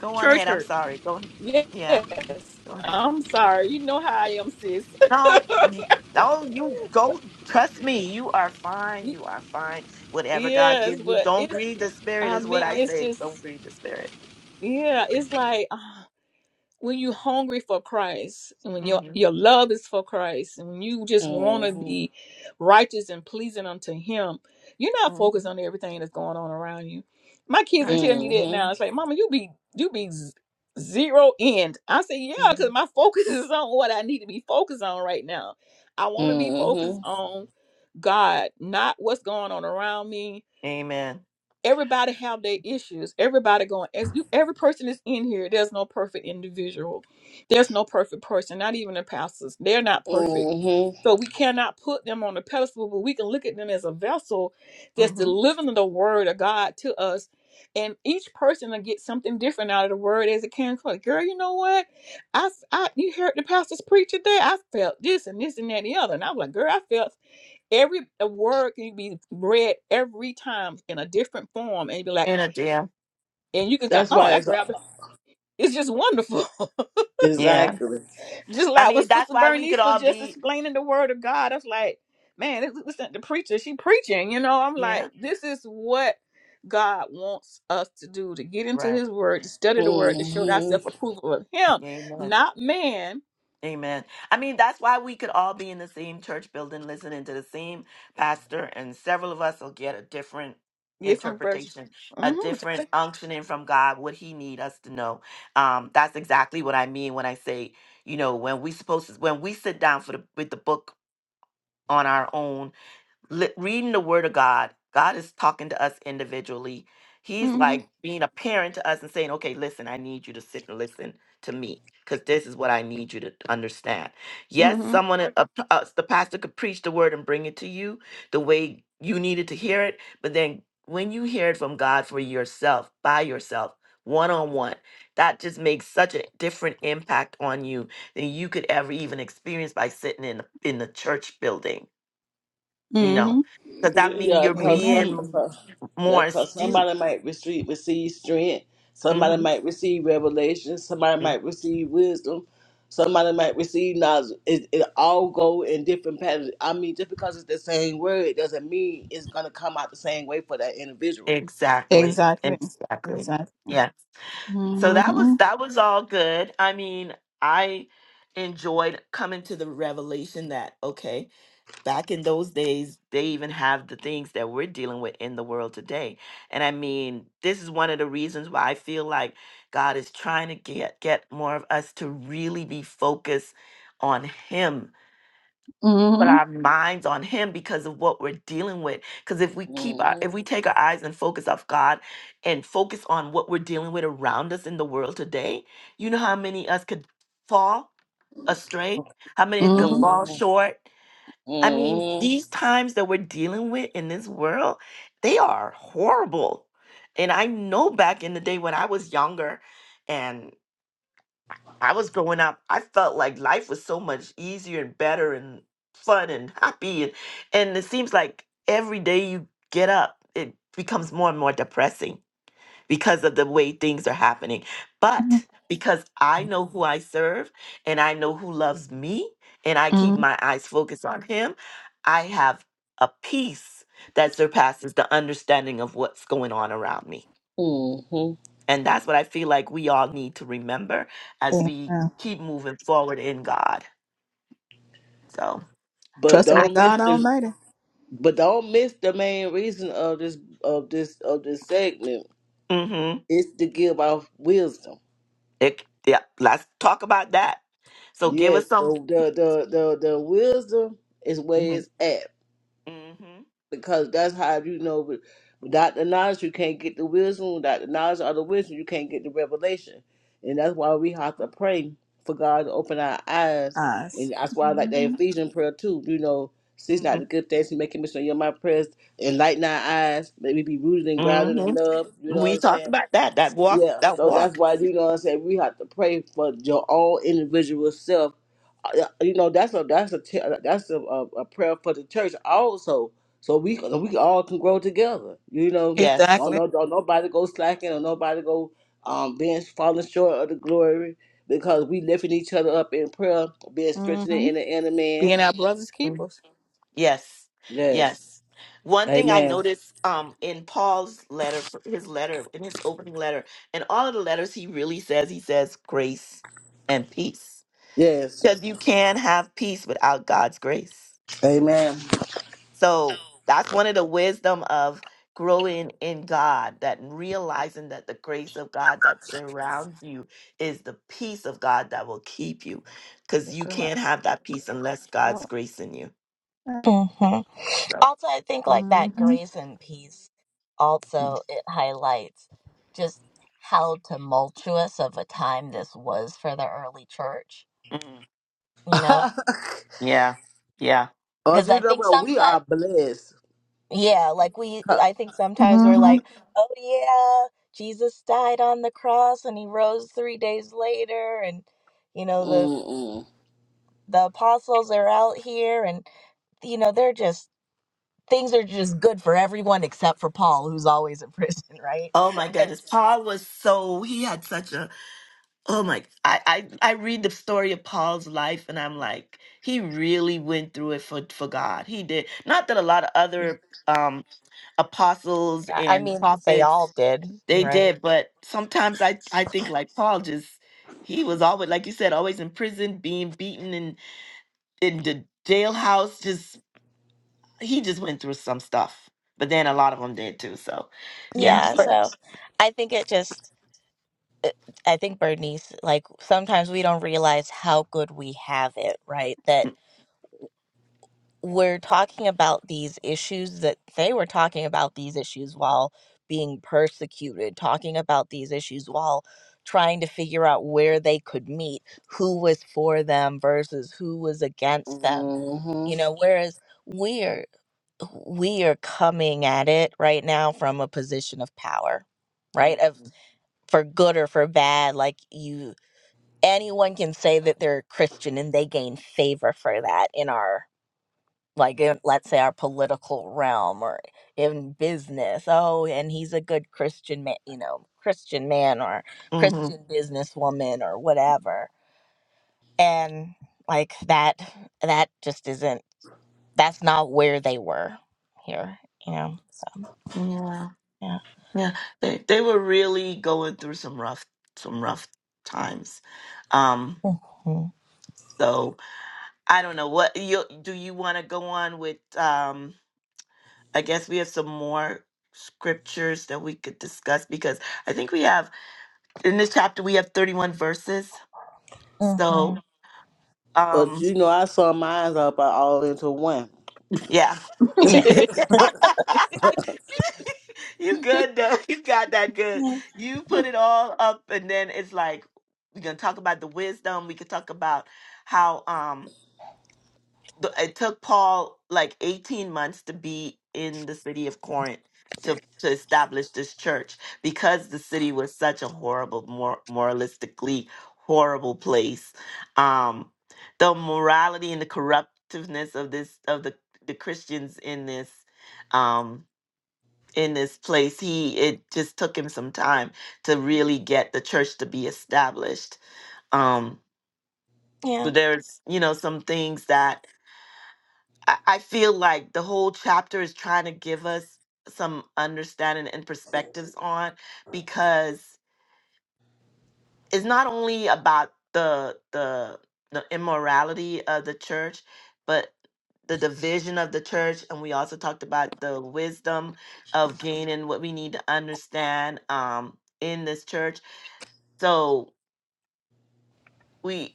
[SPEAKER 1] Go on
[SPEAKER 3] church
[SPEAKER 1] ahead. I'm
[SPEAKER 3] hurt.
[SPEAKER 1] sorry. Go
[SPEAKER 3] Yes.
[SPEAKER 1] yeah. Go ahead.
[SPEAKER 3] I'm sorry. You know how I am, sis.
[SPEAKER 1] No, you, no, you go. Trust me. You are fine. You are fine. Whatever God
[SPEAKER 3] yes,
[SPEAKER 1] give you,
[SPEAKER 3] but
[SPEAKER 1] don't
[SPEAKER 3] it's
[SPEAKER 1] grieve the spirit.
[SPEAKER 3] I
[SPEAKER 1] Is what
[SPEAKER 3] mean
[SPEAKER 1] I
[SPEAKER 3] it's
[SPEAKER 1] say. Don't
[SPEAKER 3] just
[SPEAKER 1] grieve the spirit.
[SPEAKER 3] yeah, it's like uh, when you're hungry for Christ and when your
[SPEAKER 1] Mm-hmm.
[SPEAKER 3] your love is for Christ and when you just want to
[SPEAKER 2] Mm-hmm.
[SPEAKER 3] be righteous and pleasing unto Him, you're not
[SPEAKER 1] Mm-hmm.
[SPEAKER 3] focused on everything that's going on around you. My kids
[SPEAKER 1] All
[SPEAKER 3] will
[SPEAKER 1] right.
[SPEAKER 3] tell me that
[SPEAKER 2] Mm-hmm.
[SPEAKER 3] now. It's like, Mama, you be you be z- zero end. I say, yeah,
[SPEAKER 1] Mm-hmm.
[SPEAKER 3] because my focus is on what I need to be focused on right now. I want to be focused
[SPEAKER 2] Mm-hmm.
[SPEAKER 3] on God, not what's going on around me
[SPEAKER 1] Amen.
[SPEAKER 3] Everybody have their issues. Everybody going as you every person is in here. There's no perfect individual. There's no perfect person, not even the pastors. They're not perfect.
[SPEAKER 2] Mm-hmm.
[SPEAKER 3] So we cannot put them on a pedestal, but we can look at them as a vessel that's delivering the word of God to us. And each person will get something different out of the word as it can. Like, girl, you know what? I, I you heard the pastors preach today. I felt this and this and that and the other. And I was like, girl, I felt every a word can be read every time in a different form and be like
[SPEAKER 1] Mm-hmm.
[SPEAKER 3] and you can say
[SPEAKER 2] That's
[SPEAKER 3] oh
[SPEAKER 2] why
[SPEAKER 3] that
[SPEAKER 2] it's uh,
[SPEAKER 3] grabbed it it's just wonderful
[SPEAKER 1] Yeah.
[SPEAKER 2] exactly.
[SPEAKER 3] just
[SPEAKER 1] I
[SPEAKER 3] like when
[SPEAKER 1] mean, that's
[SPEAKER 3] sister
[SPEAKER 1] why we could
[SPEAKER 3] bernice was
[SPEAKER 1] all
[SPEAKER 3] just
[SPEAKER 1] be,
[SPEAKER 3] explaining the word of god i was like man this this isn't the preacher she preaching you know i'm
[SPEAKER 1] yeah,
[SPEAKER 3] like this is what god wants us to do to get into
[SPEAKER 1] right.
[SPEAKER 3] his word to study the word to show
[SPEAKER 2] Mm-hmm.
[SPEAKER 3] thyself approval of him
[SPEAKER 1] Amen.
[SPEAKER 3] not man
[SPEAKER 1] Amen. I mean, that's why we could all be in the same church building listening to the same pastor, and several of us will get a different
[SPEAKER 3] different version
[SPEAKER 1] interpretation, a
[SPEAKER 3] mm-hmm
[SPEAKER 1] different unctioning from God, what He need us to know. Um, that's exactly what I mean when I say, you know, when we supposed to, when we sit down for the with the book on our own li- reading the word of God, God is talking to us individually. He's
[SPEAKER 3] mm-hmm
[SPEAKER 1] like being a parent to us and saying, okay, listen, I need you to sit and listen to me because this is what I need you to understand. Yes,
[SPEAKER 3] mm-hmm
[SPEAKER 1] someone, a, a, uh, the pastor could preach the word and bring it to you the way you needed to hear it. But then when you hear it from God for yourself, by yourself, one on one, that just makes such a different impact on you than you could ever even experience by sitting in, in the church building you know,
[SPEAKER 3] mm-hmm
[SPEAKER 1] because that means
[SPEAKER 2] Yeah,
[SPEAKER 1] you're
[SPEAKER 2] cause
[SPEAKER 3] amen
[SPEAKER 2] some,
[SPEAKER 1] being
[SPEAKER 2] uh, yeah,
[SPEAKER 1] more
[SPEAKER 2] cause
[SPEAKER 1] astute.
[SPEAKER 2] somebody might receive receive strength. Somebody
[SPEAKER 1] hmm
[SPEAKER 2] might receive revelation. Somebody might receive wisdom. Somebody might receive knowledge. It, it all go in different patterns. I mean, just because it's the same word it doesn't mean it's gonna come out the same way for that individual.
[SPEAKER 1] Exactly.
[SPEAKER 3] exactly
[SPEAKER 1] Exactly.
[SPEAKER 3] Exactly.
[SPEAKER 1] Yeah. So that
[SPEAKER 3] Mm-hmm.
[SPEAKER 1] was that was all good. I mean, I enjoyed coming to the revelation that okay, back in those days, they even have the things that we're dealing with in the world today. And I mean, this is one of the reasons why I feel like God is trying to get get more of us to really be focused on him put
[SPEAKER 3] Mm-hmm.
[SPEAKER 1] our minds on him because of what we're dealing with because if we keep our if
[SPEAKER 2] Mhm.
[SPEAKER 1] we take our eyes and focus off god and focus on what we're dealing with around us in the world today you know how many us could fall astray how many could
[SPEAKER 3] Mm-hmm.
[SPEAKER 1] fall
[SPEAKER 2] Mhm.
[SPEAKER 1] short i mean
[SPEAKER 2] Mhm.
[SPEAKER 1] these times that we're dealing with in this world they are horrible and i know back in the day when i was younger and I was growing up, I felt like life was so much easier and better and fun and happy. And, and it seems like every day you get up, it becomes more and more depressing because of the way things are happening. But because I know who I serve and I know who loves me and I keep
[SPEAKER 3] Mm-hmm.
[SPEAKER 1] my eyes focused on Him, I have a peace that surpasses the understanding of what's going on around me.
[SPEAKER 2] Mhm.
[SPEAKER 1] And that's what I feel like we all need to remember as we
[SPEAKER 3] Yeah.
[SPEAKER 1] keep moving forward in God. So,
[SPEAKER 2] But
[SPEAKER 3] Trusting in
[SPEAKER 2] don't miss
[SPEAKER 3] God
[SPEAKER 2] the.
[SPEAKER 3] Almighty.
[SPEAKER 2] But don't miss the main reason of this of this of this segment.
[SPEAKER 1] mm-hmm.
[SPEAKER 2] It's to give off wisdom.
[SPEAKER 1] It, yeah, let's talk about that. So, give
[SPEAKER 2] Yes,
[SPEAKER 1] us
[SPEAKER 2] the
[SPEAKER 1] some.
[SPEAKER 2] the the the, the wisdom is where
[SPEAKER 1] hmm
[SPEAKER 2] it's at
[SPEAKER 1] hmm
[SPEAKER 2] because that's how you know. with- Without the knowledge, you can't get the wisdom. Without the knowledge of the wisdom, you can't get the revelation, and that's why we have to pray for God to open our eyes. And
[SPEAKER 3] Eyes.
[SPEAKER 2] that's why I like the
[SPEAKER 3] hmm
[SPEAKER 2] Ephesian prayer too. You know, cease
[SPEAKER 1] hmm
[SPEAKER 2] not the good things He making me so. you're my prayers, enlighten our eyes, let me be rooted and grounded
[SPEAKER 1] hmm
[SPEAKER 2] in love. You know what
[SPEAKER 1] We
[SPEAKER 2] I'm
[SPEAKER 1] talked
[SPEAKER 2] saying?
[SPEAKER 1] about that. That walk.
[SPEAKER 2] Yeah.
[SPEAKER 1] That
[SPEAKER 2] So that's
[SPEAKER 1] walk.
[SPEAKER 2] why you know what I'm saying. We have to pray for your own individual self uh, you know that's a that's a te- uh, that's a, a, a prayer for the church also so we
[SPEAKER 1] Mhm.
[SPEAKER 2] can- we all can grow together you know
[SPEAKER 1] Yes.
[SPEAKER 2] don't
[SPEAKER 3] Exactly.
[SPEAKER 2] no don't nobody go slacking or nobody go um being falling short of the glory because we lifting each other up in prayer being strengthened
[SPEAKER 3] Mm-hmm.
[SPEAKER 2] in the inner man
[SPEAKER 3] Being our brothers
[SPEAKER 1] Mhm.
[SPEAKER 3] keepers.
[SPEAKER 1] Yes.
[SPEAKER 2] yes
[SPEAKER 1] Yes. One thing I
[SPEAKER 2] amen
[SPEAKER 1] noticed um, in Paul's letter, f- his letter, in his opening letter, in all of the letters he really says, he says grace and peace
[SPEAKER 2] yes
[SPEAKER 1] because you can have peace without God's grace.
[SPEAKER 2] amen
[SPEAKER 1] So that's one of the wisdom of growing in God, that realizing that the grace of God that surrounds you is the peace of God that will keep you, because
[SPEAKER 3] That's
[SPEAKER 1] you
[SPEAKER 3] all
[SPEAKER 1] can't have that peace unless God's
[SPEAKER 3] right.
[SPEAKER 1] grace in you.
[SPEAKER 4] hmm
[SPEAKER 1] So,
[SPEAKER 4] Also, I think like that
[SPEAKER 3] Mm-hmm.
[SPEAKER 4] Grayson piece, also it highlights just how tumultuous of a time this was for the early church,
[SPEAKER 1] mm,
[SPEAKER 4] you know?
[SPEAKER 2] oh
[SPEAKER 1] yeah, yeah.
[SPEAKER 4] Because
[SPEAKER 2] you
[SPEAKER 4] I
[SPEAKER 2] know
[SPEAKER 4] think
[SPEAKER 2] what we
[SPEAKER 4] sometimes,
[SPEAKER 2] are blessed
[SPEAKER 4] Yeah, like we,
[SPEAKER 2] Huh.
[SPEAKER 4] I think sometimes we're like, oh yeah, Jesus died on the cross and he rose three days later, and you know the
[SPEAKER 2] Mm-mm.
[SPEAKER 4] the apostles are out here, and you know they're just things are just good for everyone except for Paul, who's always in prison, right?
[SPEAKER 1] Oh my
[SPEAKER 4] And,
[SPEAKER 1] goodness, Paul was so he had such a Oh my, I, I, I read the story of Paul's life and I'm like, he really went through it for, for God. He did. Not that a lot of other um, apostles
[SPEAKER 4] yeah, I
[SPEAKER 1] and
[SPEAKER 4] mean They all
[SPEAKER 1] prophets,
[SPEAKER 4] did,
[SPEAKER 1] they
[SPEAKER 4] right?
[SPEAKER 1] did, but sometimes I, I think like Paul just, he was always, like you said, always in prison, being beaten in, in the jailhouse. Just, he just went through some stuff, but then a lot of them did too. So
[SPEAKER 3] Mm-hmm.
[SPEAKER 1] yeah.
[SPEAKER 4] yeah,
[SPEAKER 1] But,
[SPEAKER 4] so I think it just, it- I think Bernice, like sometimes we don't realize how good we have it, right? That we're talking about these issues that they were talking about these issues while being persecuted, talking about these issues while trying to figure out where they could meet, who was for them versus who was against them.
[SPEAKER 2] Mm-hmm.
[SPEAKER 4] You know, whereas we're we are coming at it right now from a position of power,
[SPEAKER 1] hmm
[SPEAKER 4] right? Of for good or for bad, like you anyone can say that they're a Christian and they gain favor for that in our like in, let's say our political realm or in business oh and he's a good christian man you know christian man or
[SPEAKER 1] hmm
[SPEAKER 4] christian businesswoman or whatever and like that that just isn't that's not where they were here you know so
[SPEAKER 1] Yeah.
[SPEAKER 4] yeah
[SPEAKER 1] Yeah, they they were really going through some rough some rough times. Um,
[SPEAKER 4] hmm
[SPEAKER 1] so I don't know what you do you want to go on with um I guess we have some more scriptures that we could discuss because I think we have in this chapter we have 31 verses.
[SPEAKER 4] hmm
[SPEAKER 1] So
[SPEAKER 2] But
[SPEAKER 1] um
[SPEAKER 2] you know, I saw mine up uh, all into one.
[SPEAKER 1] Yeah, you
[SPEAKER 4] yeah
[SPEAKER 1] did. you good though. You got that good.
[SPEAKER 4] yeah
[SPEAKER 1] You put it all up, and then it's like we can talk about the wisdom. We could talk about how. um th- it took Paul like 18 months to be in the city of Corinth to to establish this church because the city was such a horrible mor- moralistically horrible place um the morality and the corruptiveness of this of the the Christians in this um in this place he it just took him some time to really get the church to be established um
[SPEAKER 4] yeah
[SPEAKER 1] but there's you know some things that I I feel like the whole chapter is trying to give us some understanding and perspectives on because it's not only about the the the immorality of the church, but the division of the church, and we also talked about the wisdom of gaining what we need to understand um, in this church. So we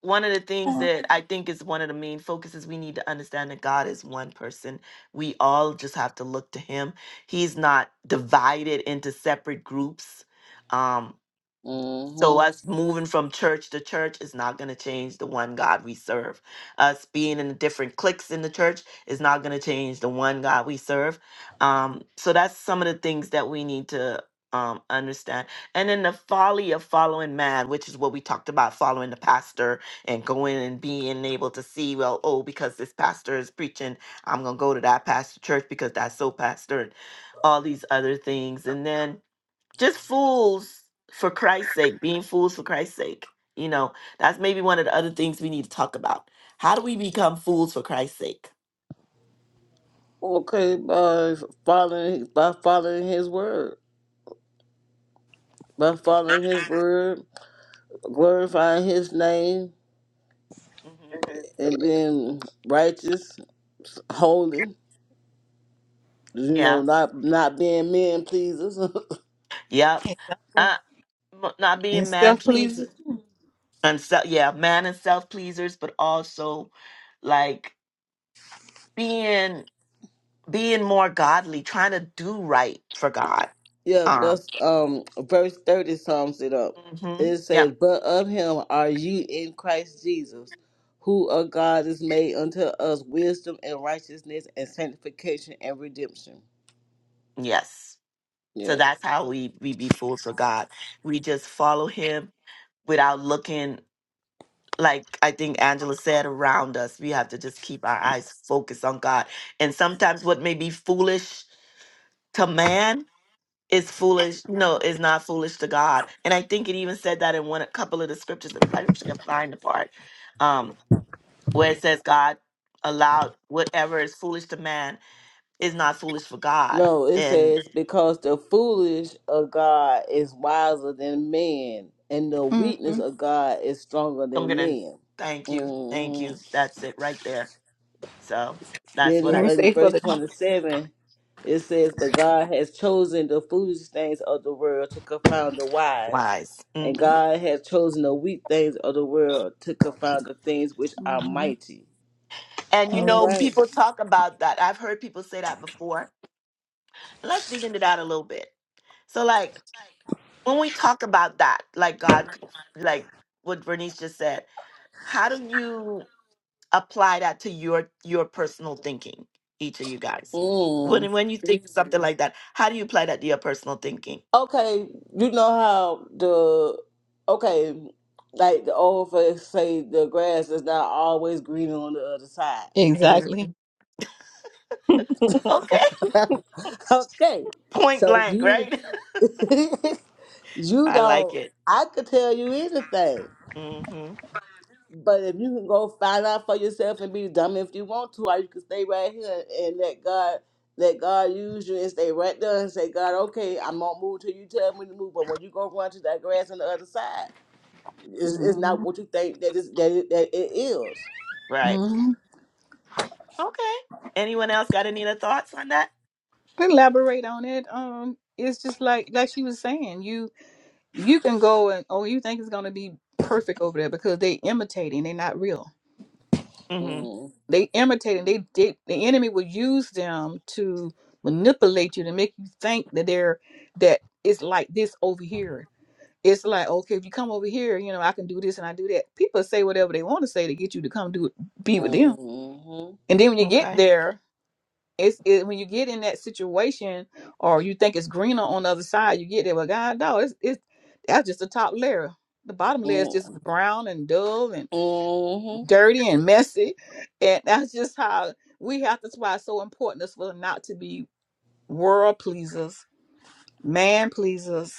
[SPEAKER 1] one of the things
[SPEAKER 4] yeah
[SPEAKER 1] that I think is one of the main focuses we need to understand that God is one person. We all just have to look to Him. He's not divided into separate groups. Um, so
[SPEAKER 2] Mm-hmm.
[SPEAKER 1] us moving from church to church is not going to change the one God we serve. Us being in the different cliques in the church is not going to change the one God we serve. Um, so that's some of the things that we need to um, understand. And then the folly of following man, which is what we talked about, following the pastor and going and being able to see, well, oh, because this pastor is preaching, I'm going to go to that pastor church because that's so pastor and all these other things. And then just fools for Christ's sake, being fools for Christ's sake. You know, that's maybe one of the other things we need to talk about. How do we become fools for Christ's sake?
[SPEAKER 2] Okay, by following by following His word, by following His word, glorifying His name,
[SPEAKER 1] hmm
[SPEAKER 2] and being righteous, holy. You know,
[SPEAKER 1] Yeah.
[SPEAKER 2] not not being men pleasers.
[SPEAKER 1] Yep.
[SPEAKER 3] exactly.
[SPEAKER 1] Uh, m- not
[SPEAKER 3] And
[SPEAKER 1] being man
[SPEAKER 3] self pleasing.
[SPEAKER 1] pleasers and so, yeah, man and self pleasers, but also like being being more godly, trying to do right for God.
[SPEAKER 2] yeah, but
[SPEAKER 1] Um,
[SPEAKER 2] um, verse thirty sums it up.
[SPEAKER 1] hmm
[SPEAKER 2] It
[SPEAKER 1] yep,
[SPEAKER 2] says, "But of Him are you in Christ Jesus." Who of God is made unto us wisdom and righteousness and sanctification and redemption.
[SPEAKER 1] yes.
[SPEAKER 2] Yeah.
[SPEAKER 1] So that's how we we be fools for God. We just follow Him without looking. Like I think Angela said, around us, we have to just keep our eyes focused on God. And sometimes what may be foolish to man is foolish. No, is not foolish to God. And I think it even said that in one a couple of the scriptures. And if I actually can find the part, um, where it says God allowed whatever is foolish to man is not foolish for God.
[SPEAKER 2] No, it
[SPEAKER 1] And
[SPEAKER 2] says because the foolish of God is wiser than men, and the weakness
[SPEAKER 3] Mm-hmm.
[SPEAKER 2] of God is stronger
[SPEAKER 1] I'm
[SPEAKER 2] than
[SPEAKER 1] gonna
[SPEAKER 2] men.
[SPEAKER 1] thank you, thank
[SPEAKER 2] hmm
[SPEAKER 1] you. That's it right there. So that's
[SPEAKER 2] Then
[SPEAKER 1] what
[SPEAKER 2] it's
[SPEAKER 3] And
[SPEAKER 1] I
[SPEAKER 3] it's
[SPEAKER 2] in
[SPEAKER 3] safe for
[SPEAKER 2] verse
[SPEAKER 3] the.
[SPEAKER 2] twenty-seven. It says, "But God has chosen the foolish things of the world to confound the wise,
[SPEAKER 1] wise.
[SPEAKER 2] and
[SPEAKER 1] hmm
[SPEAKER 2] God has chosen the weak things of the world to confound the things which are
[SPEAKER 3] Mm-hmm.
[SPEAKER 2] mighty."
[SPEAKER 1] And you
[SPEAKER 2] All
[SPEAKER 1] know,
[SPEAKER 3] Mm-hmm.
[SPEAKER 2] right.
[SPEAKER 1] people talk about that. I've heard people say that before. Let's dig into that a little bit. So like when we talk about that, like God, like what Bernice just said, how do you? apply that to your your personal thinking each of you guys
[SPEAKER 2] Mm.
[SPEAKER 1] when when you think of something like that how do you apply that to your personal thinking
[SPEAKER 2] Okay, you know how the okay, like the old folks say, the grass is not always green on the other side.
[SPEAKER 3] Exactly.
[SPEAKER 1] Mhm. okay
[SPEAKER 2] okay,
[SPEAKER 1] point
[SPEAKER 2] so
[SPEAKER 1] blank
[SPEAKER 2] you
[SPEAKER 1] right
[SPEAKER 2] you
[SPEAKER 1] i like
[SPEAKER 2] don't.
[SPEAKER 1] it
[SPEAKER 2] I could tell you anything,
[SPEAKER 1] hmm
[SPEAKER 2] but if you can go find out for yourself and be dumb if you want to, or you can stay right here and let God. Let God use you and stay right there and say, God, okay, I'm gonna move till you tell me to move. But when you go run to that grass on the other side, It's, it's not
[SPEAKER 3] Mm-hmm.
[SPEAKER 2] what you think that is that it, that it is.
[SPEAKER 1] right
[SPEAKER 3] Mm-hmm.
[SPEAKER 1] okay anyone else got any other thoughts on that
[SPEAKER 3] Elaborate on it. Um, it's just like like she was saying. You. You can go and oh, you think it's gonna be perfect over there because they imitating. They're not real.
[SPEAKER 1] hmm
[SPEAKER 2] Mm
[SPEAKER 3] They imitating. They, they the enemy will use them to manipulate you to make you think that they're that it's like this over here. It's like okay, if you come over here, you know I can do this and I do that. People say whatever they want to say to get you to come do be with them.
[SPEAKER 2] Mhm.
[SPEAKER 3] And then when you get
[SPEAKER 1] okay
[SPEAKER 3] there, it's it, when you get in that situation or you think it's greener on the other side, you get there. Well, God, no, it's it's that's just the top layer. The bottom
[SPEAKER 2] Mm
[SPEAKER 3] layer is
[SPEAKER 2] Mhm.
[SPEAKER 3] just brown and dull and
[SPEAKER 2] Mm Mhm.
[SPEAKER 3] dirty and messy, and that's just how we have. That's why it's so important is for us not to be world pleasers, man pleasers,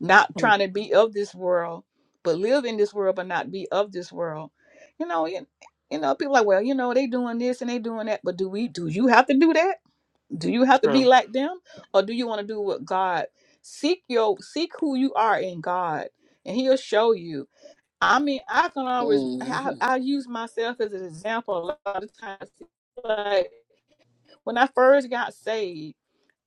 [SPEAKER 3] not
[SPEAKER 1] Mm,
[SPEAKER 3] trying to be of this world, but live in this world, but not be of this world. You know, you, you know, people like, well, you know, they doing this and they doing that, but do we? Do you have to do that? do you have to be
[SPEAKER 1] true
[SPEAKER 3] like them or do you want to do what god seek your seek who you are in god and he'll show you i mean i can always i,
[SPEAKER 2] Mhm. Mhm.
[SPEAKER 3] I use myself as an example a lot of times like when i first got saved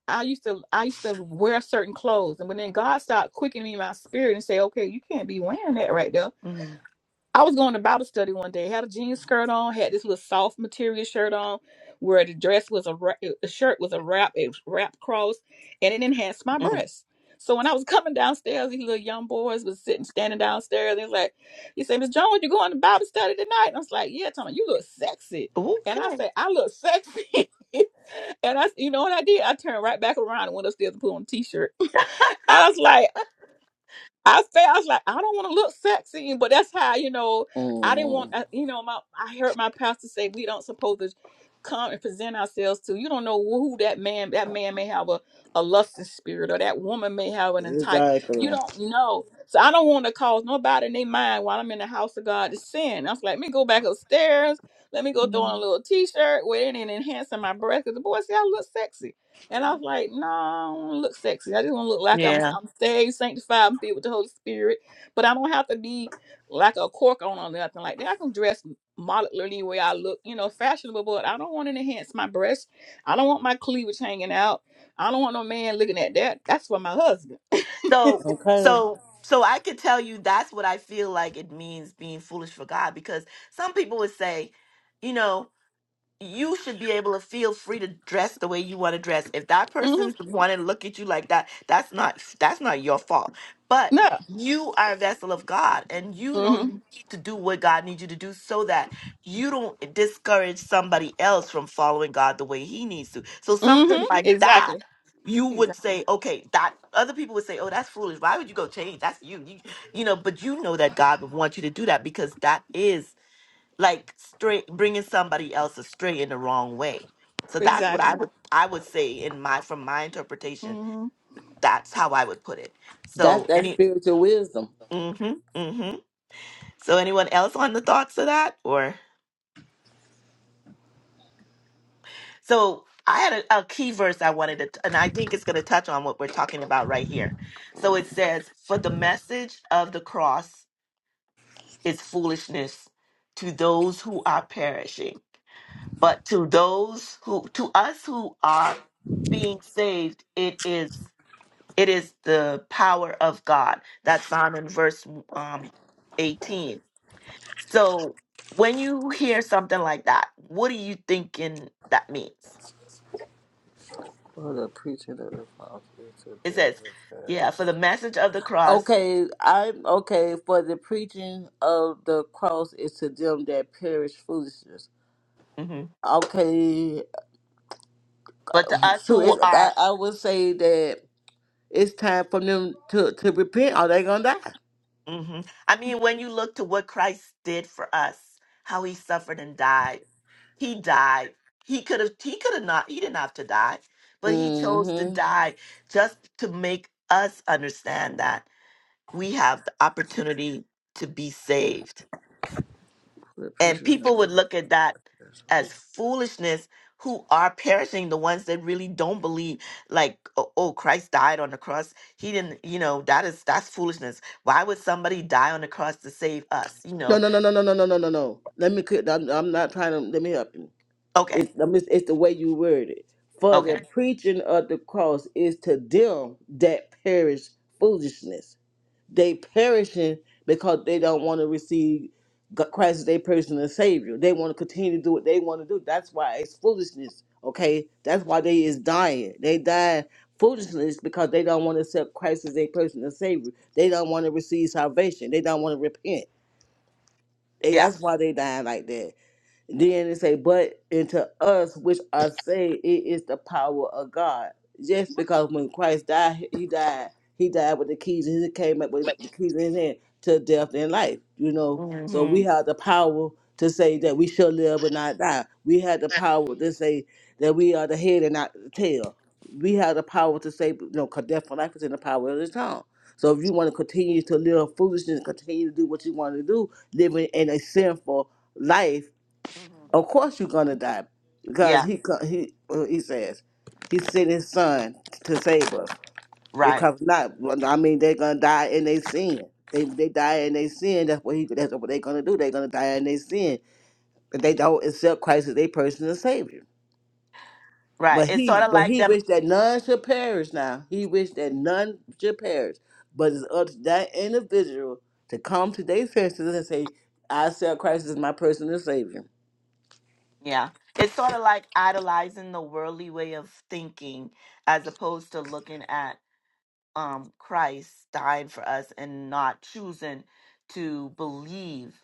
[SPEAKER 3] i used to i used to wear certain clothes and when then god started quickening my spirit and say okay you can't be wearing that right there
[SPEAKER 1] hmm
[SPEAKER 3] I was going to Bible study one day. Had a jean skirt on. Had this little soft material shirt on, where the dress was a wra- the shirt was a wrap, it was wrap cross, and it enhanced my breasts. So when I was coming downstairs, these little young boys was sitting, standing downstairs. They was like, "You say, Miss Jones, you going to Bible study tonight?" And I was like, "Yeah, Tommy, you look sexy." And I
[SPEAKER 1] okay
[SPEAKER 3] said, "I look sexy," and I, you know what I did? I turned right back around and went upstairs to put on a t-shirt. I was like, I felt I was like, I don't want to look sexy, but that's how you know. I didn't want,
[SPEAKER 2] Mhm.
[SPEAKER 3] uh, you know, my I heard my pastor say we don't supposed to come and present ourselves to. You don't know who that man. That man may have a a lusting spirit, or that woman may have an entire. You
[SPEAKER 2] Exactly.
[SPEAKER 3] don't know, so I don't want to cause nobody in their mind while I'm in the house of God to sin. I was like, let me go back upstairs. Let me go throw on a
[SPEAKER 1] Mhm.
[SPEAKER 3] little t-shirt, wear it, and enhancing my breath. Cause the boy said I look sexy. And I was like, no, I don't wanna look sexy. I just want to look like I'm
[SPEAKER 1] Yeah.
[SPEAKER 3] I'm saved, sanctified, and filled with the Holy Spirit. But I don't have to be like a cork on or nothing like that. I can dress moderately the way I look, you know, fashionable, but I don't want to enhance my breasts. I don't want my cleavage hanging out. I don't want no man looking at that. That's for my husband.
[SPEAKER 1] So
[SPEAKER 2] Okay.
[SPEAKER 1] so so I could tell you that's what I feel like it means being foolish for God because some people would say, you know, you should be able to feel free to dress the way you want to dress. If that
[SPEAKER 3] hmm
[SPEAKER 1] person's wanting to look at you like that, that's not that's not your fault. But
[SPEAKER 3] No.
[SPEAKER 1] you are a vessel of God, and you know you
[SPEAKER 3] hmm
[SPEAKER 1] need to do what God needs you to do, so that you don't discourage somebody else from following God the way He needs to. So something
[SPEAKER 3] hmm
[SPEAKER 1] Mhm. like
[SPEAKER 3] Exactly.
[SPEAKER 1] that, you would
[SPEAKER 3] Exactly.
[SPEAKER 1] say, okay, that other people would say, oh, that's foolish. Why would you go change? That's you, you, you know. But you know that God would want you to do that because that is like straight bringing somebody else astray in the wrong way so that's what i
[SPEAKER 3] Exactly.
[SPEAKER 1] would i would say in my from my interpretation
[SPEAKER 3] hmm
[SPEAKER 1] that's how i would put it
[SPEAKER 2] That's
[SPEAKER 1] so
[SPEAKER 2] that
[SPEAKER 1] any
[SPEAKER 2] spiritual wisdom.
[SPEAKER 1] mm-hmm, mm-hmm. so anyone else on the thoughts of that or so i had a, a key verse i wanted to t- and i think it's going to touch on what we're talking about right here so it says for the message of the cross is foolishness to those who are perishing but to those who to us who are being saved it is it is the power of god that's found in verse um 18 so when you hear something like that what are you thinking that means
[SPEAKER 2] For the preaching of the gospel is to
[SPEAKER 1] it
[SPEAKER 2] them
[SPEAKER 1] says
[SPEAKER 2] that perish
[SPEAKER 1] yeah for
[SPEAKER 2] for.
[SPEAKER 1] the message of the cross
[SPEAKER 2] Okay, I'm okay for the preaching of the cross is to them that perish foolishness.
[SPEAKER 1] mhm,
[SPEAKER 2] Okay,
[SPEAKER 1] but to us
[SPEAKER 2] true.
[SPEAKER 1] who
[SPEAKER 2] It's, I,
[SPEAKER 1] are
[SPEAKER 2] I would say that. It's time for them to, to repent or they gonna die.
[SPEAKER 1] hmm I mean, when you look to what Christ did for us, how he suffered and died, he died. He could have, he could have not, he didn't have to die, but he chose to
[SPEAKER 2] Mm-hmm.
[SPEAKER 1] die just to make us understand that we have the opportunity to be saved
[SPEAKER 2] Put
[SPEAKER 1] and
[SPEAKER 2] preacher in the
[SPEAKER 1] people would
[SPEAKER 2] car.
[SPEAKER 1] look at that
[SPEAKER 2] That's all.
[SPEAKER 1] as foolishness who are perishing the ones that really don't believe like oh, oh christ died on the cross he didn't you know that is that's foolishness why would somebody die on the cross to save us you
[SPEAKER 2] No,
[SPEAKER 1] know
[SPEAKER 2] no, no, no, no, no, no, no, no, no. Let me. clear- I'm, I'm not trying to. Let me help you.
[SPEAKER 1] okay
[SPEAKER 2] It's, I'm just- it's the way you word it. For
[SPEAKER 1] okay
[SPEAKER 2] the preaching of the cross is to them that perish foolishness. They perishing because they don't want to receive G- Christ as their personal Savior. They want to continue to do what they want to do. That's why it's foolishness. Okay, that's why they is dying. They die foolishness because they don't want to accept Christ as their personal Savior. They don't want to receive salvation. They don't want to repent. They,
[SPEAKER 1] yeah
[SPEAKER 2] that's why they dying like that. Then it say, but into us which are saved, it is the power of God. Just because when Christ died, he died. He died with the keys. and He came up with the keys in his hand to death and life. You know, so
[SPEAKER 1] mm-hmm.
[SPEAKER 2] we have the power to say that we shall live and not die. We have the power to say that we are the head and not the tail. We have the power to say, you know, 'cause death and life is in the power of the tongue. So if you want to continue to live foolishness, continue to do what you want to do, living in a sinful life
[SPEAKER 1] hmm
[SPEAKER 2] of course you're gonna die, because
[SPEAKER 1] yeah
[SPEAKER 2] he co- he uh, he says he sent his son to save us.
[SPEAKER 1] right
[SPEAKER 2] Because not, well, I mean, they're gonna die in their sin. They they die in their sin. That's what he that's what they're gonna do. They're gonna die in their sin, and they don't accept Christ as their personal savior.
[SPEAKER 1] right
[SPEAKER 2] But
[SPEAKER 1] it's
[SPEAKER 2] he
[SPEAKER 1] sort of
[SPEAKER 2] but
[SPEAKER 1] like
[SPEAKER 2] he
[SPEAKER 1] them
[SPEAKER 2] wished that none should perish. Now he wished that none should perish, but it's up to that individual to come to their senses and say, "I accept Christ as my personal savior."
[SPEAKER 1] yeah it's sort of like idolizing the worldly way of thinking as opposed to looking at um Christ died for us and not choosing to believe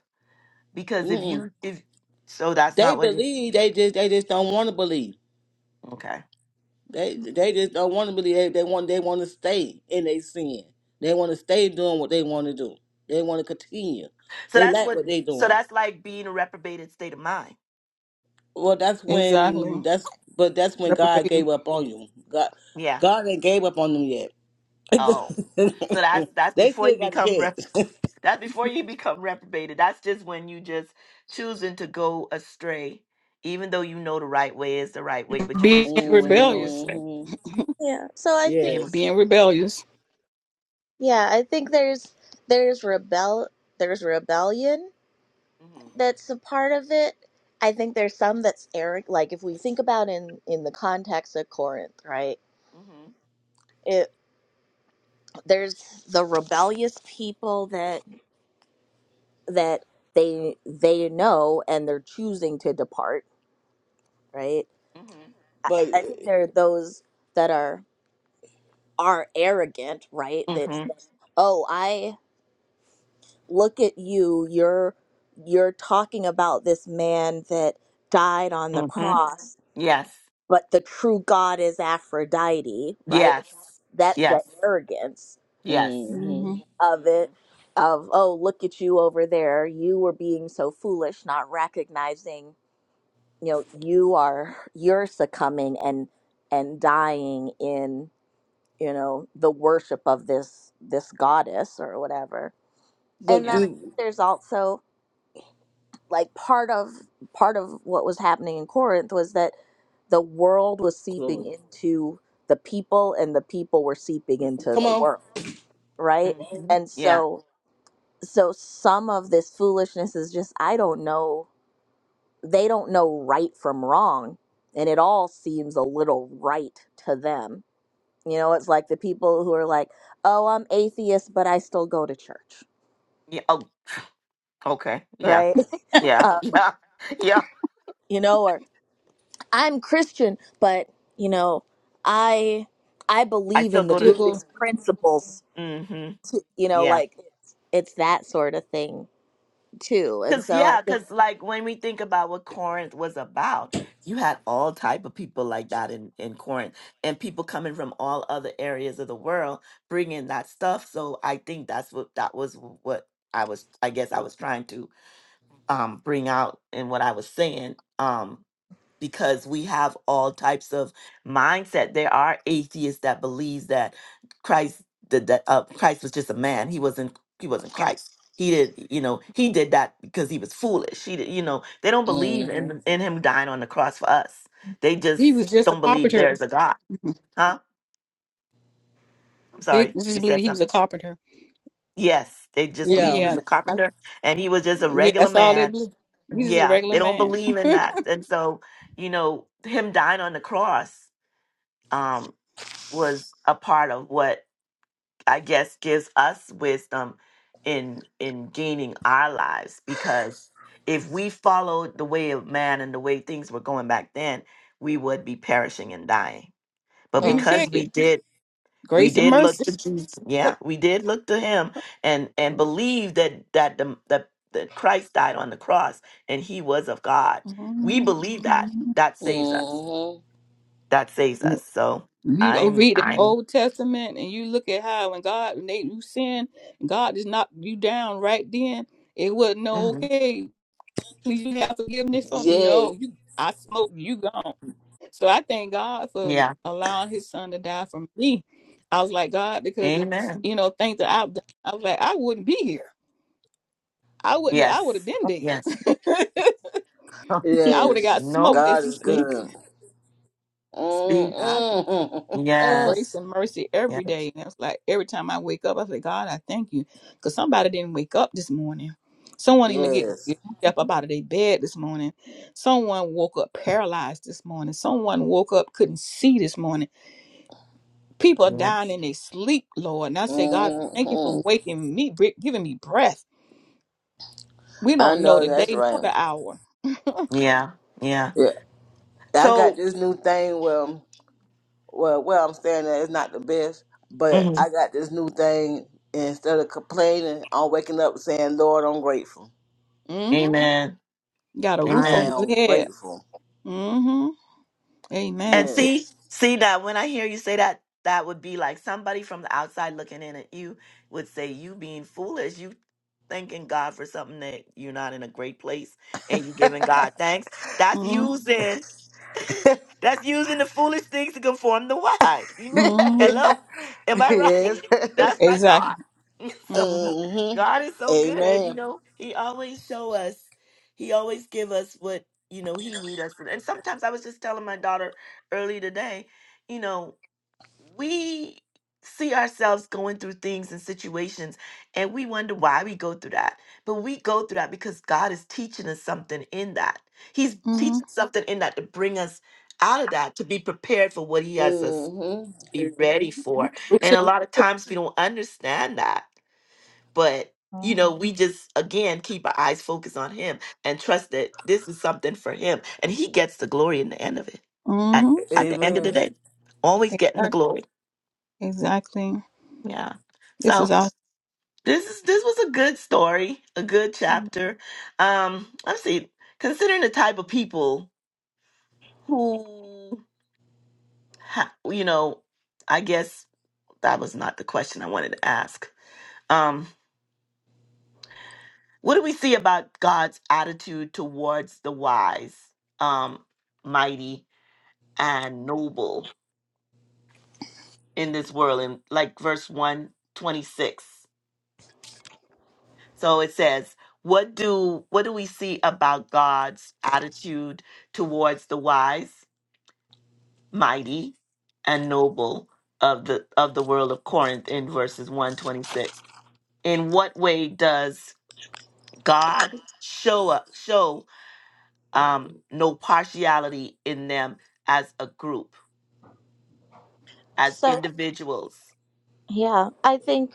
[SPEAKER 1] because if you if so that's
[SPEAKER 2] They
[SPEAKER 1] not what you
[SPEAKER 2] believe. They just they just don't want to believe.
[SPEAKER 1] okay
[SPEAKER 2] They they just don't want to believe. They, they want they want to stay in their sin. They want to stay doing what they want to do. They want to continue.
[SPEAKER 1] so
[SPEAKER 2] They
[SPEAKER 1] that's
[SPEAKER 2] like
[SPEAKER 1] what
[SPEAKER 2] what they
[SPEAKER 1] so
[SPEAKER 2] doing.
[SPEAKER 1] that's like being a reprobated state of mind
[SPEAKER 2] Well, that's
[SPEAKER 3] Exactly.
[SPEAKER 2] when that's but that's when God
[SPEAKER 3] Reprobating.
[SPEAKER 2] gave up on you. God
[SPEAKER 1] yeah
[SPEAKER 2] God ain't gave up on them yet.
[SPEAKER 1] oh so that's that's
[SPEAKER 2] they
[SPEAKER 1] before you
[SPEAKER 2] still got a
[SPEAKER 1] become rep
[SPEAKER 2] chance.
[SPEAKER 1] that's before you become reprobated that's just when you just choosing to go astray even though you know the right way is the right way but you
[SPEAKER 3] Being
[SPEAKER 1] just choosing to go
[SPEAKER 3] rebellious.
[SPEAKER 1] astray
[SPEAKER 2] hmm
[SPEAKER 4] yeah so i think
[SPEAKER 1] mm-hmm,
[SPEAKER 2] Yes,
[SPEAKER 3] Being rebellious.
[SPEAKER 4] yeah i think there's there's rebel there's rebellion that's a part of it. I think there's some that's arrogant. Like if we think about in in the context of Corinth, right?
[SPEAKER 1] mm-hmm,
[SPEAKER 4] It there's the rebellious people that that they they know and they're choosing to depart, right?
[SPEAKER 1] mm-hmm,
[SPEAKER 4] I,
[SPEAKER 2] but
[SPEAKER 4] I think there are those that are are arrogant, right? That
[SPEAKER 1] mm-hmm,
[SPEAKER 4] that, oh, I look at you. You're you're talking about this man that died on the
[SPEAKER 1] mm-hmm.
[SPEAKER 4] cross
[SPEAKER 1] yes
[SPEAKER 4] but the true god is Aphrodite, right?
[SPEAKER 1] Yes.
[SPEAKER 4] That's, that's the
[SPEAKER 1] Yes.
[SPEAKER 4] arrogance
[SPEAKER 1] Yes.
[SPEAKER 2] hmm
[SPEAKER 3] mm
[SPEAKER 4] of
[SPEAKER 1] hmm
[SPEAKER 4] it of oh look at you over there you were being so foolish not recognizing you know you are you're succumbing and and dying in you know the worship of this this goddess or whatever and
[SPEAKER 2] but
[SPEAKER 1] Yeah.
[SPEAKER 4] then i think
[SPEAKER 2] you,
[SPEAKER 4] there's also like part of part of what was happening in Corinth was that the world was seeping
[SPEAKER 2] Chloe,
[SPEAKER 4] into the people and the people were seeping into
[SPEAKER 2] come
[SPEAKER 4] the
[SPEAKER 2] on.
[SPEAKER 4] world, right?
[SPEAKER 1] hmm
[SPEAKER 4] And
[SPEAKER 1] Yeah.
[SPEAKER 4] so so some of this foolishness is just I don't know they don't know right from wrong and it all seems a little right to them. You know, it's like the people who are like, "Oh, I'm atheist, but I still go to church."
[SPEAKER 1] Yeah. Oh, okay. Yeah.
[SPEAKER 4] Right?
[SPEAKER 1] Yeah.
[SPEAKER 4] Uh,
[SPEAKER 1] Yeah. Yeah.
[SPEAKER 4] you know, or. I'm Christian, but you know, I I
[SPEAKER 1] I
[SPEAKER 4] believe
[SPEAKER 1] still
[SPEAKER 4] in the
[SPEAKER 1] go to.
[SPEAKER 3] hmm
[SPEAKER 4] Buddhist principles.
[SPEAKER 1] hmm
[SPEAKER 4] Too, you know,
[SPEAKER 1] Yeah.
[SPEAKER 4] like it's, it's that sort of thing too. And
[SPEAKER 1] Cause
[SPEAKER 4] so I
[SPEAKER 1] yeah,
[SPEAKER 4] think
[SPEAKER 1] cause like when we think about what Corinth was about, you had all type of people like that in in Corinth, and people coming from all other areas of the world bringing that stuff. So I think that's what that was what I was. I guess I was trying to um bring out in what I was saying. Um, because we have all types of mindset. There are atheists that believes that Christ that, that uh, Christ was just a man. He wasn't he wasn't Christ. He did you know he did that because he was foolish. He did, you know they don't believe
[SPEAKER 2] hmm
[SPEAKER 1] in in him dying on the cross for us. They just
[SPEAKER 3] He was just a
[SPEAKER 1] don't believe
[SPEAKER 3] carpenter.
[SPEAKER 1] there's a God.
[SPEAKER 3] Mhm.
[SPEAKER 1] Huh? I'm
[SPEAKER 3] They
[SPEAKER 1] sorry.
[SPEAKER 3] just
[SPEAKER 1] You
[SPEAKER 3] believe
[SPEAKER 1] said
[SPEAKER 3] he was a
[SPEAKER 1] something.
[SPEAKER 3] carpenter.
[SPEAKER 1] Yes, they just believe
[SPEAKER 2] Yeah.
[SPEAKER 1] he
[SPEAKER 3] Yeah,
[SPEAKER 1] was a
[SPEAKER 3] I,
[SPEAKER 1] carpenter and he was just a
[SPEAKER 3] yeah,
[SPEAKER 1] regular
[SPEAKER 3] that's all they
[SPEAKER 1] man.
[SPEAKER 3] believe. He's just a
[SPEAKER 1] Yeah,
[SPEAKER 3] regular
[SPEAKER 1] they don't
[SPEAKER 3] man.
[SPEAKER 1] believe in
[SPEAKER 3] Let
[SPEAKER 1] that. And so, you know, him dying on the cross. um, was a part of what I guess gives us wisdom in in gaining our lives because if we followed the way of man and the way things were going back then, we would be perishing and dying. But
[SPEAKER 3] me
[SPEAKER 4] mm.
[SPEAKER 3] tell
[SPEAKER 1] because
[SPEAKER 3] you,
[SPEAKER 1] we did we
[SPEAKER 3] grace and
[SPEAKER 1] did look
[SPEAKER 3] mercy.
[SPEAKER 1] to Jesus, yeah, we did look to him and and believe that that the that, that Christ died on the cross and he was of God. We
[SPEAKER 3] Mhm.
[SPEAKER 1] believe that
[SPEAKER 3] Mhm.
[SPEAKER 1] that saves us.
[SPEAKER 2] Mm-hmm.
[SPEAKER 1] That saves us. So
[SPEAKER 3] You go
[SPEAKER 1] I'm
[SPEAKER 3] read the
[SPEAKER 1] I'm
[SPEAKER 3] Old Testament and you look at how when God when they you sin, God just knocked you down right then. It wasn't no
[SPEAKER 1] mhm.
[SPEAKER 3] okay. Do you have forgiveness for 'em?
[SPEAKER 2] Yes,
[SPEAKER 3] No, you I smoked, you gone. So I thank God for
[SPEAKER 1] yeah.
[SPEAKER 3] allowing his son to die for me. I was like, God, because if
[SPEAKER 1] Amen.
[SPEAKER 3] you know, things that I've done, I was like, I wouldn't be here. I wouldn't I would have
[SPEAKER 1] Yes.
[SPEAKER 3] been dead.
[SPEAKER 1] Yes. Huh.
[SPEAKER 3] I would have
[SPEAKER 2] yes.
[SPEAKER 3] got smoked,
[SPEAKER 1] No.
[SPEAKER 3] as
[SPEAKER 2] God
[SPEAKER 3] he
[SPEAKER 2] is
[SPEAKER 3] said.
[SPEAKER 1] Speak.
[SPEAKER 2] good.
[SPEAKER 1] Speak.
[SPEAKER 3] I for
[SPEAKER 2] Mm-hmm.
[SPEAKER 3] grace
[SPEAKER 1] Yes.
[SPEAKER 3] and mercy
[SPEAKER 1] Yeah.
[SPEAKER 3] every day. And it's like every time I wake up, I say, God, I thank you. Because somebody didn't wake up this morning. Someone didn't even
[SPEAKER 2] Yes.
[SPEAKER 3] get step up out of their bed this morning. Someone woke up paralyzed this morning. Someone woke up couldn't see this morning. People are dying
[SPEAKER 1] Yes.
[SPEAKER 3] in their sleep, Lord. And I say, God, thank you for
[SPEAKER 2] Mm-hmm.
[SPEAKER 3] waking me, br- giving me breath. We
[SPEAKER 2] I
[SPEAKER 3] don't know
[SPEAKER 2] know
[SPEAKER 3] the
[SPEAKER 2] that's
[SPEAKER 3] day nor
[SPEAKER 2] right.
[SPEAKER 3] the hour.
[SPEAKER 1] Yeah. Yeah.
[SPEAKER 2] Yeah. I got
[SPEAKER 1] So,
[SPEAKER 2] this new thing where, well, where I'm saying that it's not the best, but
[SPEAKER 1] mhm.
[SPEAKER 2] I got this new thing. Instead of complaining, I'm waking up saying, Lord, I'm grateful.
[SPEAKER 3] hmm
[SPEAKER 1] amen.
[SPEAKER 3] Got a roof
[SPEAKER 2] I
[SPEAKER 3] over
[SPEAKER 1] Amen.
[SPEAKER 3] your
[SPEAKER 2] am
[SPEAKER 3] head.
[SPEAKER 2] grateful.
[SPEAKER 3] hmm Amen,
[SPEAKER 1] And
[SPEAKER 3] sis.
[SPEAKER 1] see,
[SPEAKER 2] Yes.
[SPEAKER 1] see that when I hear you say that, that would be like somebody from the outside looking in at you would say, You being foolish, you thanking God for something that you're not in a great place and you giving God thanks. That's
[SPEAKER 3] Mm-hmm.
[SPEAKER 1] using that's using the foolish things to conform the wise. You-
[SPEAKER 3] Mm-hmm.
[SPEAKER 2] yes.
[SPEAKER 1] Hello? Am I right? That's my
[SPEAKER 3] Exactly.
[SPEAKER 1] thought. So
[SPEAKER 3] hmm
[SPEAKER 2] mm-hmm.
[SPEAKER 1] God is so good, you
[SPEAKER 2] Amen.
[SPEAKER 1] know, He always show us, He always give us what you know He need us. And sometimes I was just telling my daughter early today, you know, we see ourselves going through things and situations and we wonder why we go through that. But we go through that because God is teaching us something in that. He's
[SPEAKER 3] hmm
[SPEAKER 1] teaching something in that to bring us out of that, to be prepared for what He has us
[SPEAKER 2] Mm-hmm.
[SPEAKER 1] be ready for.
[SPEAKER 3] Fruits
[SPEAKER 1] And
[SPEAKER 3] of
[SPEAKER 1] a lot of
[SPEAKER 3] the
[SPEAKER 1] times we don't understand that but you
[SPEAKER 4] Mm.
[SPEAKER 1] know we just again keep our eyes focused on him and trust that this is something for him and he gets the glory in the end of it at,
[SPEAKER 3] hmm
[SPEAKER 1] at the end of the
[SPEAKER 2] Amen.
[SPEAKER 1] day always getting the
[SPEAKER 3] Exactly.
[SPEAKER 1] glory
[SPEAKER 3] Exactly.
[SPEAKER 1] yeah
[SPEAKER 3] This is
[SPEAKER 1] so
[SPEAKER 3] awesome.
[SPEAKER 1] this is this was a good story a good chapter um let's see considering the type of people who ha, you know i guess that was not the question i wanted to ask Um, What do we see about God's attitude towards the wise, um, mighty, and noble in this world? In like verse one twenty six, so it says, "What do what do we see about God's attitude towards the wise, mighty, and noble of the of the world of Corinth?" In verses one twenty six, in what way does God show up, show? um, no partiality in them as a group, as
[SPEAKER 4] so
[SPEAKER 1] individuals.
[SPEAKER 4] yeah, I think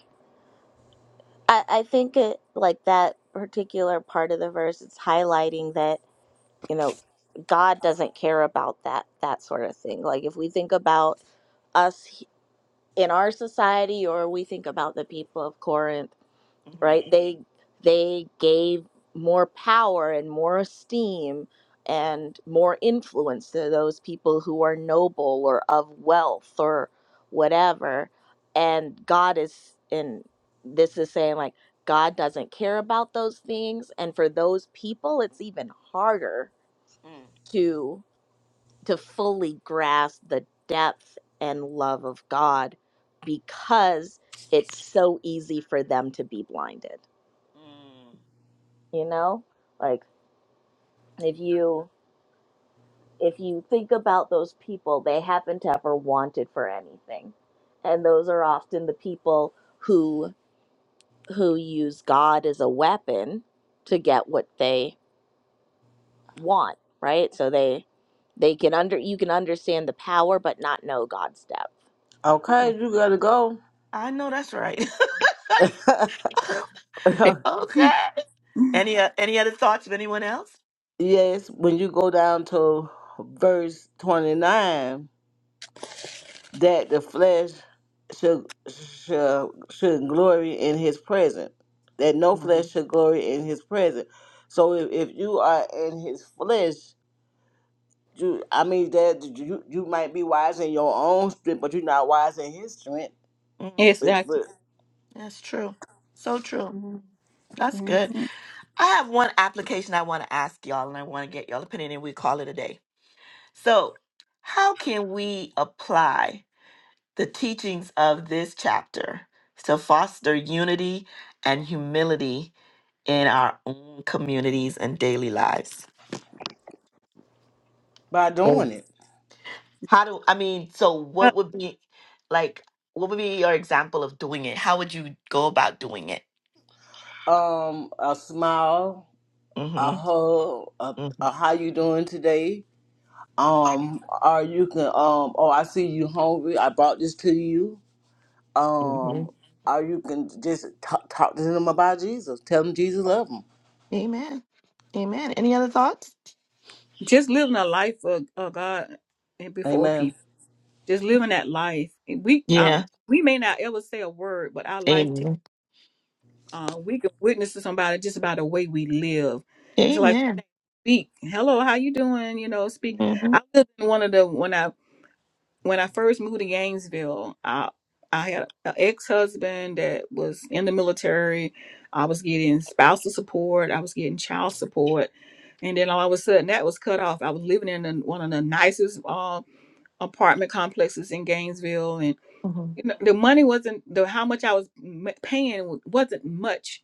[SPEAKER 4] I, I think it, like that particular part of the verse, it's highlighting that you know God doesn't care about that that sort of thing. Like if we think about us he- in our society, or we think about the people of Corinth
[SPEAKER 1] hmm
[SPEAKER 4] right they they gave more power and more esteem and more influence to those people who are noble or of wealth or whatever and god is and this is saying like god doesn't care about those things and for those people it's even harder
[SPEAKER 1] Mm,
[SPEAKER 4] to to fully grasp the depth and love of god because it's so easy for them to be blinded
[SPEAKER 1] mm.
[SPEAKER 4] you know like if you if you think about those people they haven't ever wanted for anything and those are often the people who who use god as a weapon to get what they want right so they they can under you can understand the power but not know god's depth
[SPEAKER 1] Mm.
[SPEAKER 2] Okay, you gotta go.
[SPEAKER 1] I know that's right.
[SPEAKER 3] Spirit.
[SPEAKER 1] okay. Any uh, any other thoughts of anyone else?
[SPEAKER 2] yes, when you go down to verse twenty nine, that the flesh should should should glory in his presence. That no flesh
[SPEAKER 1] Mhm.
[SPEAKER 2] should glory in his presence. So if, if you are in his flesh, you I mean that you you might be wise in your own strength, but you're not wise in his strength.
[SPEAKER 1] Mhm.
[SPEAKER 2] But,
[SPEAKER 3] Exactly.
[SPEAKER 2] but
[SPEAKER 1] That's true. So true. That's good.
[SPEAKER 3] Mm-hmm.
[SPEAKER 1] I have one application I want to ask y'all, and I want to get y'all opinion, and we call it a day. So, how can we apply the teachings of this chapter to foster unity and humility in our own communities and daily lives?
[SPEAKER 2] by
[SPEAKER 1] Well,
[SPEAKER 2] doing it.
[SPEAKER 1] How do I mean? So,
[SPEAKER 3] Uh,
[SPEAKER 1] what would be like? What would be your example of doing it? How would you go about doing it?
[SPEAKER 2] Um a smile a
[SPEAKER 1] Mm-hmm.
[SPEAKER 2] hug, a,
[SPEAKER 1] Mm-hmm.
[SPEAKER 2] a how you doing today? Um, or you can um, oh I see you hungry. I brought this to you.
[SPEAKER 1] Mm-hmm.
[SPEAKER 2] Um, or you can just talk, talk to them about Jesus. Tell them Jesus love them.
[SPEAKER 1] Amen. Amen. Any other thoughts?
[SPEAKER 3] Just living a life of, of God and before
[SPEAKER 2] Amen.
[SPEAKER 3] people. Just living that life. And We uh,
[SPEAKER 1] Yeah.
[SPEAKER 3] we may not ever say a word, but our life, t-
[SPEAKER 1] Amen.
[SPEAKER 3] uh, we can witness to somebody just about the way we live. It's like
[SPEAKER 1] Amen.
[SPEAKER 3] speak. Hello, how you doing? You know, speak.
[SPEAKER 1] Mm-hmm.
[SPEAKER 3] I lived in one of the when I when I first moved to Gainesville, I I had an ex husband that was in the military. I was getting spousal support. I was getting child support, and then all of a sudden that was cut off. I was living in the, one of the nicest uh, apartment complexes in Gainesville, and
[SPEAKER 1] Mm-hmm.
[SPEAKER 3] you know, the money wasn't the how much I was m- paying wa- wasn't much.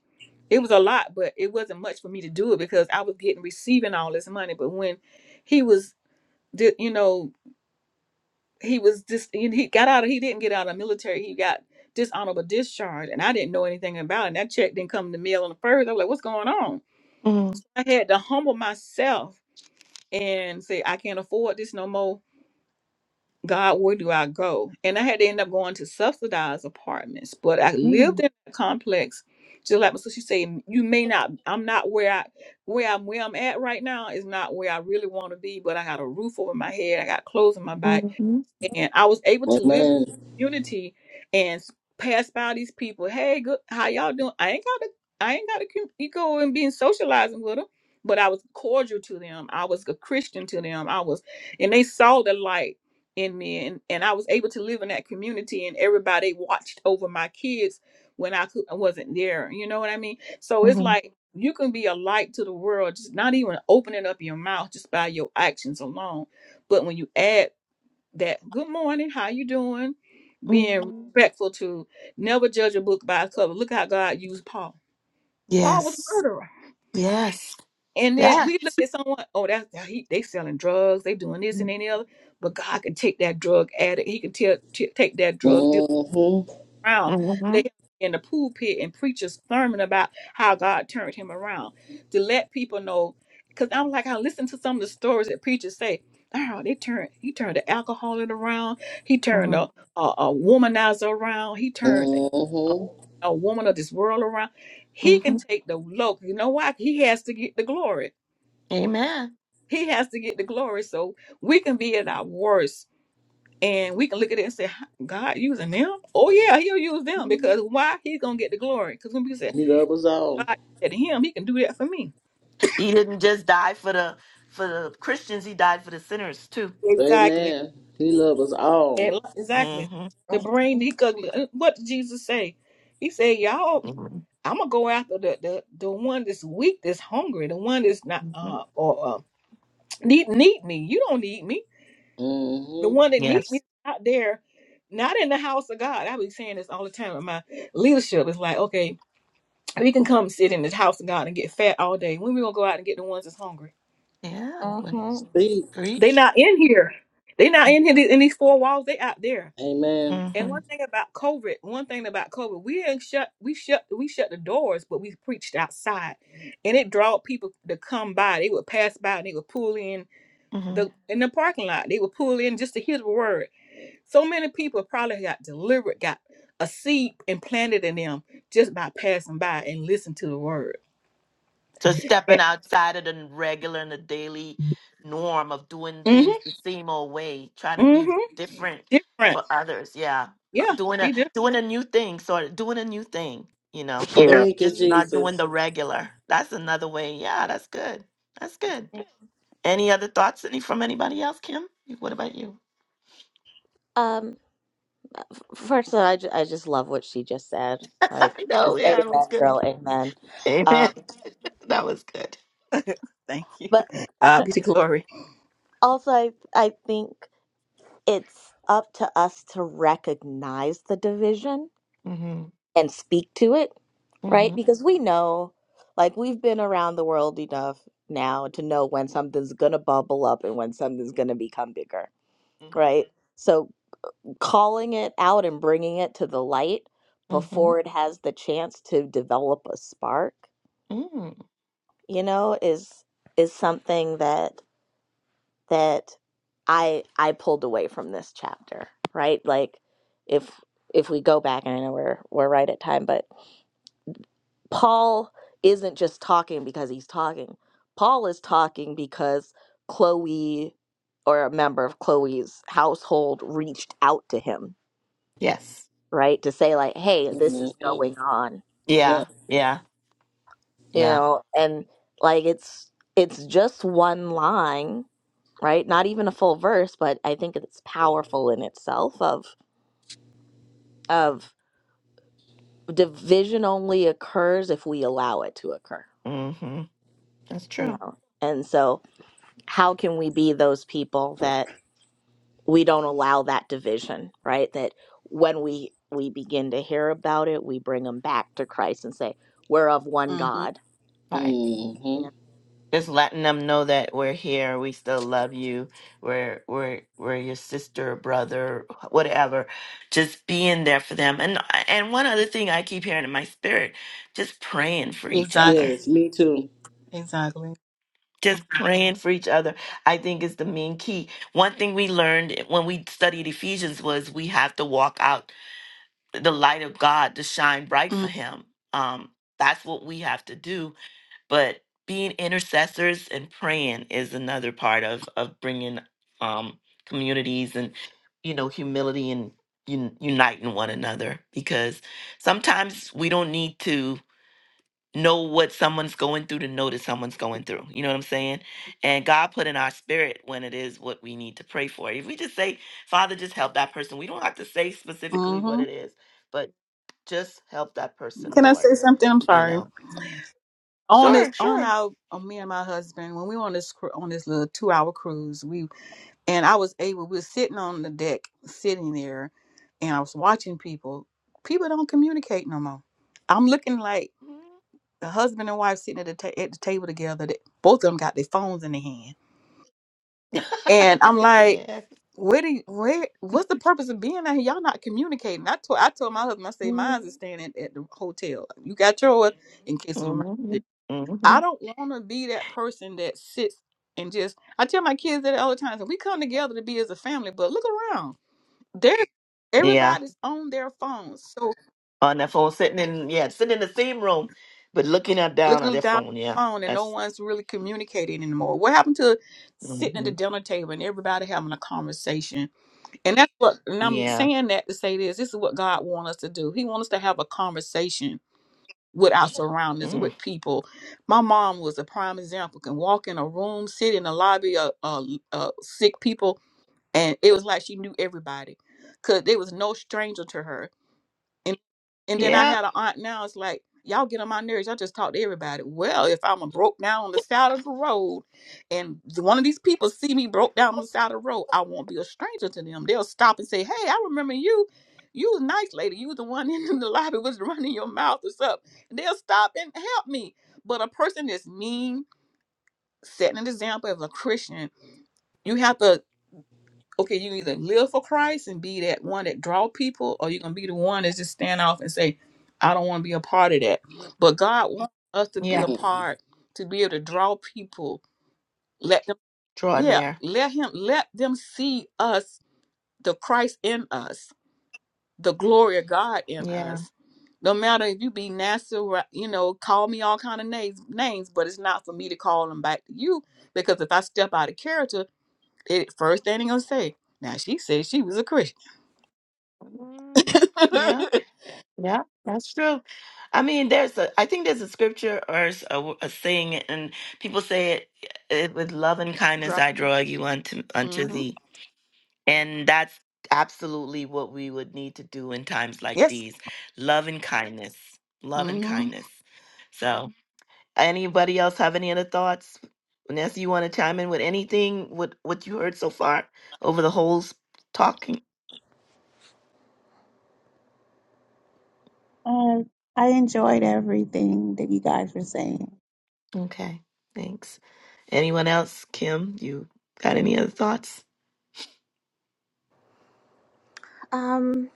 [SPEAKER 3] It was a lot, but it wasn't much for me to do it because I was getting receiving all this money. But when he was, di- you know, he was just and he got out of he didn't get out of the military he got dishonorable discharge and i didn't know anything about it and that check didn't come in the mail on the first i was like what's going on i had to humble myself and say i can't afford this no more god where do i go and i had to end up going to subsidized apartments but i lived
[SPEAKER 1] Mm-hmm.
[SPEAKER 3] in a complex just like my sister said you may not i'm not where i where i'm where i'm at right now is not where i really want to be but i got a roof over my head i got clothes on my back and I was able to live in
[SPEAKER 2] Amen.
[SPEAKER 3] community and s- pass by these people. Hey, good, how y'all doing? I ain't got to, I ain't got to go and being socializing with them, but I was cordial to them. I was a Christian to them. I was, and they saw the light in me, and and I was able to live in that community, and everybody watched over my kids when I cou- I wasn't there. You know what I mean? So it's
[SPEAKER 1] Mm-hmm.
[SPEAKER 3] like. You can be a light to the world, just not even opening up your mouth just by your actions alone. But when you add that good morning, how you doing? Being
[SPEAKER 1] hmm
[SPEAKER 3] respectful to never judge a book by its cover. Look how God used Paul. Paul was a
[SPEAKER 1] Yes.
[SPEAKER 3] murderer.
[SPEAKER 1] Yes.
[SPEAKER 3] And then
[SPEAKER 1] Yes.
[SPEAKER 3] we look at someone, oh, that's yeah, he, they selling drugs, they doing this
[SPEAKER 1] Mm-hmm.
[SPEAKER 3] and any other. But God can take that drug addict, he can tell t- take that drug
[SPEAKER 2] Mhm.
[SPEAKER 3] around.
[SPEAKER 1] Mm-hmm.
[SPEAKER 3] Let him be in the pulpit and preach a sermon about how God turned him around to let people know. Because I'm like, I listen to some of the stories that preachers say. Oh, they turned. He turned the alcoholic around. He turned a a, a womanizer around. He turned a,
[SPEAKER 2] Mhm.
[SPEAKER 3] a woman of this world around. He can
[SPEAKER 1] hmm
[SPEAKER 3] take the look. You know why? He has to get the glory.
[SPEAKER 1] Amen.
[SPEAKER 3] He has to get the glory so we can be at our worst and we can look at it and say, "Huh, God using them? Oh yeah, he'll use them
[SPEAKER 1] Mhm.
[SPEAKER 3] because why? He's gonna get the glory. Because when we say
[SPEAKER 2] He loves us
[SPEAKER 3] God
[SPEAKER 2] all.
[SPEAKER 3] did to him, he can do that for me.
[SPEAKER 1] He didn't just die for the for the Christians. He died for the sinners too.
[SPEAKER 3] Exactly.
[SPEAKER 2] Amen. He loves us all.
[SPEAKER 3] Ex- Exactly.
[SPEAKER 1] Mm-hmm.
[SPEAKER 3] The brain he could uh, what did Jesus say? He said, Y'all,
[SPEAKER 1] hmm
[SPEAKER 3] I'm gonna go after the, the the one that's weak, that's hungry, the one that's not uh or uh, need need me. You don't need me. The
[SPEAKER 2] Mhm.
[SPEAKER 3] one that need me
[SPEAKER 1] Yes.
[SPEAKER 3] out there, not in the house of God. I be saying this all the time in my leadership. It's like, okay, We can come sit in the house of God and get fat all day. When we gonna go out and get the ones that's hungry?
[SPEAKER 1] Yeah.
[SPEAKER 4] hmm
[SPEAKER 2] Speak.
[SPEAKER 3] They
[SPEAKER 1] Preach.
[SPEAKER 3] not in here. They not in here in these four walls. They out there.
[SPEAKER 2] Amen.
[SPEAKER 3] And
[SPEAKER 1] Mm-hmm.
[SPEAKER 3] one thing about COVID, one thing about COVID, we ain't shut. We shut. We shut the doors, but we preached outside, and it drawed people to come by. They would pass by and they would pull in
[SPEAKER 1] Mm-hmm.
[SPEAKER 3] the in the parking lot. They would pull in just to hear the word. So many people probably got delivered, got a seed implanted in them just by passing by and listening to the word.
[SPEAKER 1] to stepping outside of the regular and the daily norm of doing
[SPEAKER 3] Mm
[SPEAKER 1] things the same old way, trying to be
[SPEAKER 3] Mhm.
[SPEAKER 1] different
[SPEAKER 3] different.
[SPEAKER 1] for others. Yeah, Uh,
[SPEAKER 3] Yeah,
[SPEAKER 1] doing a
[SPEAKER 3] be different.
[SPEAKER 1] doing a new thing, sort of doing a new thing. You know,
[SPEAKER 3] You know.
[SPEAKER 2] Thank
[SPEAKER 3] from
[SPEAKER 2] you,
[SPEAKER 3] the
[SPEAKER 1] just
[SPEAKER 3] new-
[SPEAKER 1] not doing
[SPEAKER 2] Jesus.
[SPEAKER 1] the regular. That's another way. Yeah, that's good. That's good. Any other thoughts? Any from anybody else? Kim, what about you?
[SPEAKER 4] um first of all I, ju- I just love what she just said
[SPEAKER 1] I
[SPEAKER 4] like
[SPEAKER 1] know, yeah, that was
[SPEAKER 4] amen
[SPEAKER 1] good.
[SPEAKER 4] girl amen um
[SPEAKER 1] Amen. that was good.
[SPEAKER 3] Thank you.
[SPEAKER 4] but
[SPEAKER 3] God be the glory.
[SPEAKER 4] also i i think it's up to us to recognize the division
[SPEAKER 1] hmm
[SPEAKER 4] and speak to it,
[SPEAKER 1] hmm
[SPEAKER 4] right? Because we know, like, we've been around the world enough now to know when something's going to bubble up and when something's going to become bigger,
[SPEAKER 1] hmm
[SPEAKER 4] right? So calling it out and bringing it to the light
[SPEAKER 1] hmm
[SPEAKER 4] before it has the chance to develop a spark,
[SPEAKER 1] hmm
[SPEAKER 4] you know, is is something that that I I pulled away from this chapter, right? Like if if we go back and I know we're we're right at time, but Paul isn't just talking because he's talking. Paul is talking because Chloe or a member of Chloe's household reached out to him,
[SPEAKER 1] Yes.
[SPEAKER 4] right? To say like, "Hey, this is
[SPEAKER 2] Mhm.
[SPEAKER 4] going on."
[SPEAKER 2] Yeah.
[SPEAKER 1] Yeah. Yeah.
[SPEAKER 4] You
[SPEAKER 1] Yeah.
[SPEAKER 4] know, and like it's it's just one line, right? Not even a full verse, but I think it's powerful in itself of of division only occurs if we allow it to occur.
[SPEAKER 1] Mm-hmm. That's
[SPEAKER 4] You
[SPEAKER 1] true.
[SPEAKER 4] know? And so, how can we be those people that we don't allow that division, right? That when we we begin to hear about it, we bring them back to Christ and say, "We're of one
[SPEAKER 3] hmm
[SPEAKER 4] God."
[SPEAKER 1] Right.
[SPEAKER 4] Yeah.
[SPEAKER 2] Mhm.
[SPEAKER 1] Just letting them know that we're here, we still love you, we're we're we're your sister or brother, whatever. Just being there for them. And uh, and one other thing I keep hearing in my spirit, just praying for each
[SPEAKER 3] Exactly.
[SPEAKER 1] other.
[SPEAKER 2] Yes, me too.
[SPEAKER 3] Exactly.
[SPEAKER 1] Just praying for each other, I think is the main key. One thing we learned when we studied Ephesians was we have to walk out the light of God to shine bright
[SPEAKER 3] hmm
[SPEAKER 1] for Him. Um, that's what we have to do but being intercessors and praying is another part of of bringing um communities and you know humility and un- uniting one another because sometimes we don't need to know what someone's going through to know that someone's going through you know what i'm saying and god put in our spirit when it is what we need to pray for if we just say father just help that person we don't have to say specifically what it
[SPEAKER 3] Can
[SPEAKER 1] is but just help that person
[SPEAKER 3] I
[SPEAKER 1] lord
[SPEAKER 3] say something? I'm
[SPEAKER 1] you
[SPEAKER 3] sorry.
[SPEAKER 1] know
[SPEAKER 3] On
[SPEAKER 1] sure
[SPEAKER 3] this, on
[SPEAKER 1] sure
[SPEAKER 3] our, on me and my husband, when we were on this cru- on this little two hour cruise, we. and I was able. We were sitting on the deck, sitting there, and I was watching people. People don't communicate no more. I'm looking like the husband and wife sitting at the ta- at the table together. That both of them got their phones in their hand, and I'm like,
[SPEAKER 1] yes.
[SPEAKER 3] where do you, where what's the purpose of being out here? Y'all not communicating. I told I told my husband, I say, mine's is staying at, at the hotel. You got yours in case of emergency.
[SPEAKER 1] Mm-hmm.
[SPEAKER 3] I
[SPEAKER 1] hmm
[SPEAKER 3] don't want to be that person that sits and just. I tell my kids that all the time. So we come together to be as a family, but look around. They're
[SPEAKER 1] Yeah.
[SPEAKER 3] everybody's on their phones, so
[SPEAKER 1] On their phone, sitting in yeah, sitting in the same room, but looking at down on
[SPEAKER 3] looking
[SPEAKER 1] their
[SPEAKER 3] down at
[SPEAKER 1] phone.
[SPEAKER 3] the
[SPEAKER 1] Yeah.
[SPEAKER 3] phone, and no
[SPEAKER 1] That's.
[SPEAKER 3] one's really communicating anymore. What happened to sitting at the
[SPEAKER 1] hmm
[SPEAKER 3] dinner table and everybody having a conversation? And that's what. And I'm
[SPEAKER 1] Yeah.
[SPEAKER 3] saying that to say this: this is what God wants us to do. He wants us to have a conversation with our surroundings,
[SPEAKER 1] Mm.
[SPEAKER 3] with people. My mom was a prime example. Can walk in a room, sit in the lobby of uh, uh, sick people, and it was like she knew everybody, cause there was no stranger to her And and then I
[SPEAKER 1] Yeah.
[SPEAKER 3] had an aunt now, it's like, y'all get on my nerves. I just talk to everybody. Well, if I'm a broke down on the side of the road and one of these people see me broke down on the side of the road, I won't be a stranger to them. They'll stop and say, Hey, I remember you. You was a nice lady. You was the one in the lobby was running your mouth or something. And they'll stop and help me. But a person that's mean, setting an example as a Christian, you have to okay, you either live for Christ and be that one that draw people, or you're gonna be the one that's just stand off and say, I don't want to be a part of that. But God wants us to be a
[SPEAKER 1] Yeah.
[SPEAKER 3] part, to be able to draw people, let them
[SPEAKER 1] Draw
[SPEAKER 3] yeah,
[SPEAKER 1] there.
[SPEAKER 3] let him let them see us, the Christ in us, the glory of God in
[SPEAKER 1] Yeah.
[SPEAKER 3] us. No matter if you be nasty, right, you know, call me all kind of names, names, but it's not for me to call them back to you because if I step out of character, it first thing they gonna say, now she said she was a Christian.
[SPEAKER 1] hmm Yeah. Yeah. That's true. I mean, there's a. I think there's a scripture or s- a, w- a saying, and people say it, it with love and kindness I
[SPEAKER 3] Driving.
[SPEAKER 1] draw you unto unto
[SPEAKER 3] hmm
[SPEAKER 1] thee. And that's absolutely what we would need to do in times like
[SPEAKER 3] Yes.
[SPEAKER 1] these. Love and kindness. Love and
[SPEAKER 3] hmm
[SPEAKER 1] kindness. So, anybody else have any other thoughts? Vanessa, you want to chime in with anything with what you heard so far over the whole s- talking?
[SPEAKER 5] Um, I enjoyed everything that you guys were saying.
[SPEAKER 1] Okay, thanks. Anyone else? Kim, you got any other thoughts?
[SPEAKER 4] Um,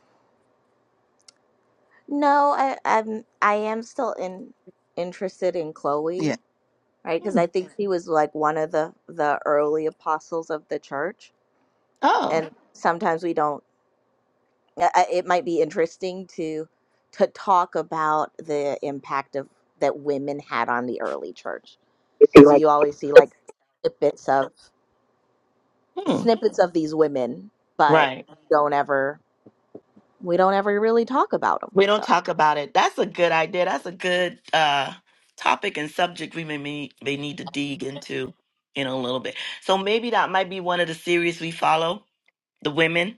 [SPEAKER 4] no, I, I'm I am still in interested in
[SPEAKER 3] Yeah.
[SPEAKER 4] Chloe, right? Because
[SPEAKER 1] Hmm.
[SPEAKER 4] I think she was like one of the the early apostles of the church,
[SPEAKER 1] Oh,
[SPEAKER 4] and sometimes we don't I- I- it might be interesting to to talk about the impact of that women had on the early church because you always see like snippets of
[SPEAKER 1] hmm.
[SPEAKER 4] snippets of these women but
[SPEAKER 1] right.
[SPEAKER 4] don't ever we don't ever really talk about them
[SPEAKER 1] We don't
[SPEAKER 4] so
[SPEAKER 1] talk about it. That's a good idea. That's a good uh topic and subject we may may may need to dig into in a little bit. So maybe that might be one of the series we follow, the women,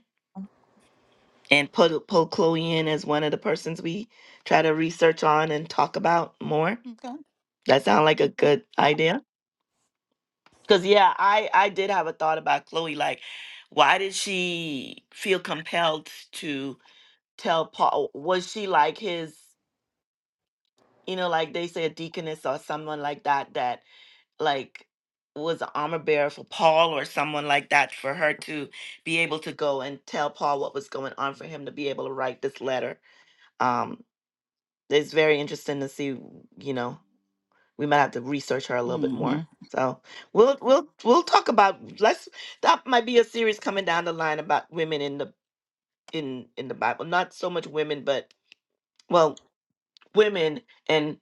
[SPEAKER 1] and put pull Chloe in as one of the persons we try to research on and talk about more.
[SPEAKER 3] Okay.
[SPEAKER 1] That sound like a good idea. Cause yeah, I I did have a thought about Chloe. Like, why did she feel compelled to tell Paul? Was she like his? you know, like they say a deaconess or someone like that that like was an armor bearer for Paul or someone like that for her to be able to go and tell Paul what was going on for him to be able to write this letter. Um, it's very interesting to see, you know, we might have to research her a little bit
[SPEAKER 3] hmm
[SPEAKER 1] more. So we'll we'll we'll talk about let's that might be a series coming down the line about women in the in in the Bible. Not so much women, but well, women and.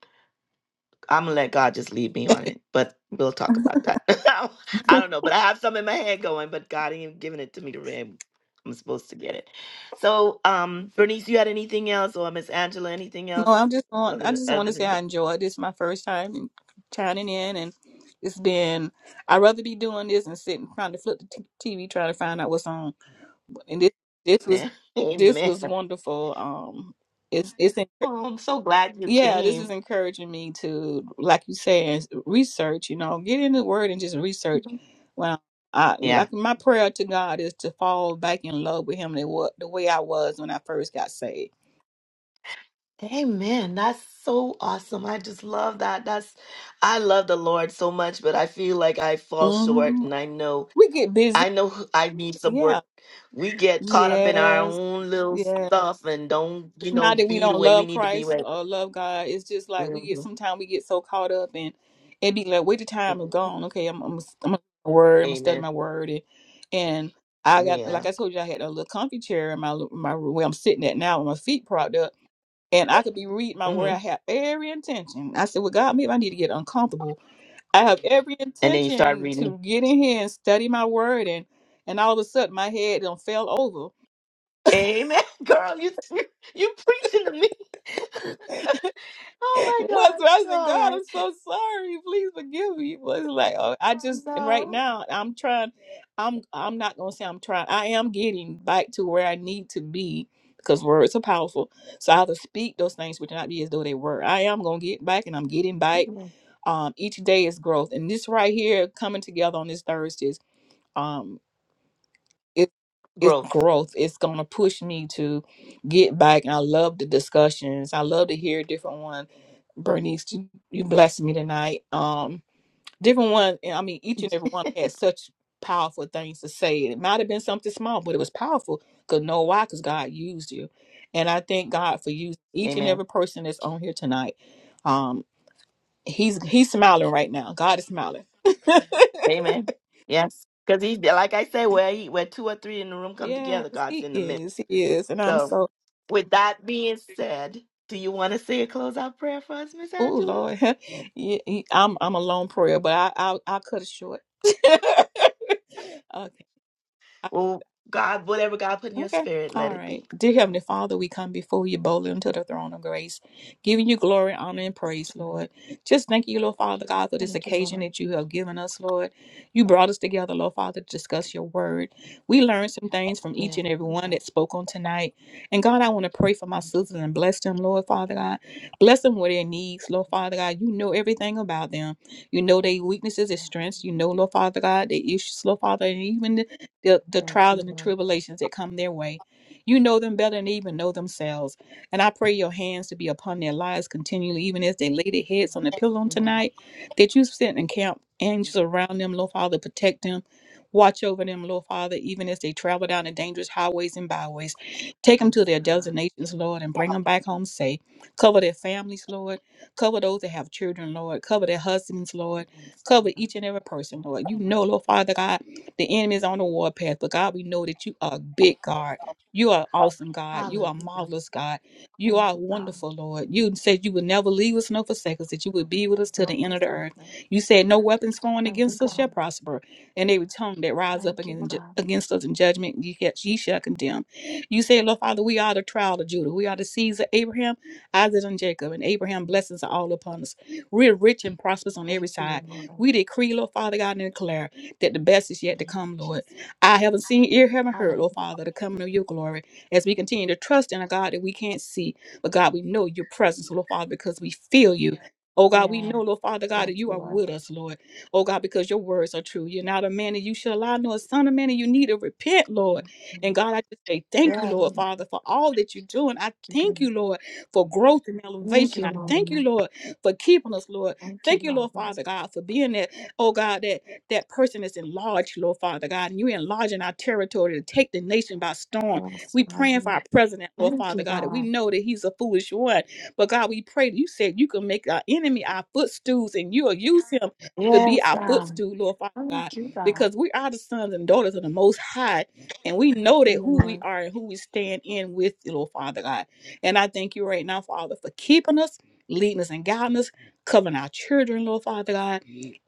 [SPEAKER 1] I'm gonna let God just lead me on it, but we'll talk about that. I don't know, but I have some in my head going, but God ain't giving it to me to read. I'm supposed to get it. So, um, Bernice, you had anything else, or Miss Angela, anything
[SPEAKER 3] No,
[SPEAKER 1] else
[SPEAKER 3] I'm just want.
[SPEAKER 1] other
[SPEAKER 3] I
[SPEAKER 1] than,
[SPEAKER 3] just want
[SPEAKER 1] other
[SPEAKER 3] to say
[SPEAKER 1] than
[SPEAKER 3] I
[SPEAKER 1] that?
[SPEAKER 3] enjoyed this. My first time in- chiming in, and it's been. I'd rather be doing this and sitting trying to flip the t- TV trying to find out what's on. And this, this was,
[SPEAKER 1] Yeah.
[SPEAKER 3] this
[SPEAKER 1] Amen.
[SPEAKER 3] was wonderful. Um, it's it's
[SPEAKER 1] Oh, I'm so glad you
[SPEAKER 3] Yeah, this is
[SPEAKER 1] came.
[SPEAKER 3] encouraging me to, like you said, research, you know, get in the word and just research.
[SPEAKER 1] Mhm.
[SPEAKER 3] Well, I
[SPEAKER 1] Yeah.
[SPEAKER 3] like my prayer to God is to fall back in love with him the, wa- the way I was when I first got saved.
[SPEAKER 1] Amen. That's so awesome. I just love that. That's I love the Lord so much, but I feel like I fall short,
[SPEAKER 3] hmm
[SPEAKER 1] and I know
[SPEAKER 3] We get busy.
[SPEAKER 1] I know who- I need some
[SPEAKER 3] Yeah.
[SPEAKER 1] work. We get caught up in our
[SPEAKER 3] Yes.
[SPEAKER 1] own little
[SPEAKER 3] Yes.
[SPEAKER 1] stuff and don't, you know,
[SPEAKER 3] not that we
[SPEAKER 1] be the
[SPEAKER 3] don't
[SPEAKER 1] way we
[SPEAKER 3] love
[SPEAKER 1] need to be.
[SPEAKER 3] Christ
[SPEAKER 1] Way.
[SPEAKER 3] or love God. It's just like
[SPEAKER 1] hmm
[SPEAKER 3] we get sometimes we get so caught up and it be like, wait, the time is
[SPEAKER 1] hmm
[SPEAKER 3] gone. Okay, I'm I'm gonna I'm gonna word. I'm gonna study
[SPEAKER 1] Amen.
[SPEAKER 3] my word and and I got like
[SPEAKER 1] Yeah.
[SPEAKER 3] I told you, I had a little comfy chair in my l- my room where I'm sitting at now with my feet propped up. And I could be reading my word.
[SPEAKER 1] hmm
[SPEAKER 3] I have every intention. I said, "Well, God, maybe I need to get uncomfortable. I have every
[SPEAKER 1] And then you start
[SPEAKER 3] intention
[SPEAKER 1] reading.
[SPEAKER 3] to get in here and study my word." And and all of a sudden, my head done fell over
[SPEAKER 1] Amen, girl. You you you preaching to me. oh my
[SPEAKER 3] Once
[SPEAKER 1] gosh.
[SPEAKER 3] I said,
[SPEAKER 1] All
[SPEAKER 3] God,
[SPEAKER 1] right.
[SPEAKER 3] I'm so sorry. Please forgive me. But it's like, oh, I
[SPEAKER 1] I
[SPEAKER 3] just and right
[SPEAKER 1] know.
[SPEAKER 3] now I'm trying. I'm I'm not gonna say I'm trying. I am getting back to where I need to be because words are powerful. So I have to speak those things which not be as though they were. I am gonna get back, and I'm getting back.
[SPEAKER 1] Mhm.
[SPEAKER 3] Um, each day is growth, and this right here coming together on this Thursdays. um, it's it's
[SPEAKER 1] Growth.
[SPEAKER 3] growth. It's gonna push me to get back. And I love the discussions. I love to hear different one. Bernice, you, you blessed me tonight. Um, different one. and I mean, each and every one had such powerful things to say. It might have been something small, but it was powerful. Cause know why? Cause God used you, and I thank God for you. Each and
[SPEAKER 1] Amen.
[SPEAKER 3] every person that's on here tonight. Um, he's he's smiling right now. God is smiling.
[SPEAKER 1] Amen. Yes. Because he, like I say, where he, where two or three in the room come
[SPEAKER 3] Yes,
[SPEAKER 1] together, God's
[SPEAKER 3] he
[SPEAKER 1] in the
[SPEAKER 3] is.
[SPEAKER 1] midst.
[SPEAKER 3] He is. And I'm
[SPEAKER 1] So,
[SPEAKER 3] so
[SPEAKER 1] with that being said, do you want to say a closeout prayer for us, Miss
[SPEAKER 3] Oh
[SPEAKER 1] Angela?
[SPEAKER 3] Lord, Yeah, he- I'm I'm a long prayer, but I I I'll cut it short. okay,
[SPEAKER 1] Well, God, whatever God put in your
[SPEAKER 3] Okay.
[SPEAKER 1] spirit, let
[SPEAKER 3] All
[SPEAKER 1] it
[SPEAKER 3] right.
[SPEAKER 1] be.
[SPEAKER 3] Dear Heavenly Father, we come before you boldly unto the throne of grace, giving you glory, honor, and praise, Lord. Just thank you, Lord Father God, for this occasion that you have given us, Lord. You brought us together, Lord Father, to discuss your word. We learned some things from each and every one that spoke on tonight. And God, I want to pray for my sisters and bless them, Lord Father God. Bless them with their needs, Lord Father God. You know everything about them. You know their weaknesses, their strengths. You know, Lord Father God, their issues, Lord Father, and even the, the trials and the tribulations that come their way. You know them better than they even know themselves. And I pray your hands to be upon their lives continually, even as they lay their heads on the pillow on tonight, that you send and camp angels around them, Lord Father, protect them. Watch over them, Lord Father, even as they travel down the dangerous highways and byways. Take them to their destinations, Lord, and bring them back home safe. Cover their families, Lord. Cover those that have children, Lord. Cover their husbands, Lord. Cover each and every person, Lord. You know, Lord Father God the enemy is on the warpath, but God, we know that you are a big God. You are awesome, God. You are marvelous, God. You are wonderful, Lord. You said you would never leave us nor forsake us, that you would be with us till the end of the earth. You said no weapons formed against us shall prosper, and every tongue that rise up against against us in judgment, ye, shall- ye shall condemn. You said, Lord Father, we are the trial of Judah. We are the seeds of Abraham, Isaac, and Jacob, and Abraham blessings are all upon us. We're rich and prosperous on every side. We decree, Lord Father God, and declare that the best is yet to come, Lord. I haven't seen, ear haven't heard, Lord Father, the coming of your glory as we continue to trust in a God that we can't see. But God, we know your presence, Lord Father, because we feel you. Oh God, we know, Lord Father God, that you are with us, Lord. Oh God, because your words are true. You're not a man that you shall lie, nor a son of man that you need to repent, Lord. And God, I just say thank you, Lord Father, for all that you're doing. I thank you, Lord, for growth and elevation. I thank you, Lord, for keeping us, Lord. Thank you, Lord Father God, for being that, oh God, that that person is enlarged, Lord Father God, and you enlarging our territory to take the nation by storm. We praying for our president, Lord Father God, that we know that he's a foolish one. But God, we pray you said you can make our enemy our footstools and you'll use him to be our footstool, Lord Father God, because we are the sons and daughters of the Most High, and we know that who we are and who we stand in with, you, Lord Father God. And I thank you right now, Father, for keeping us, leading us, and guiding us, covering our children, Lord Father God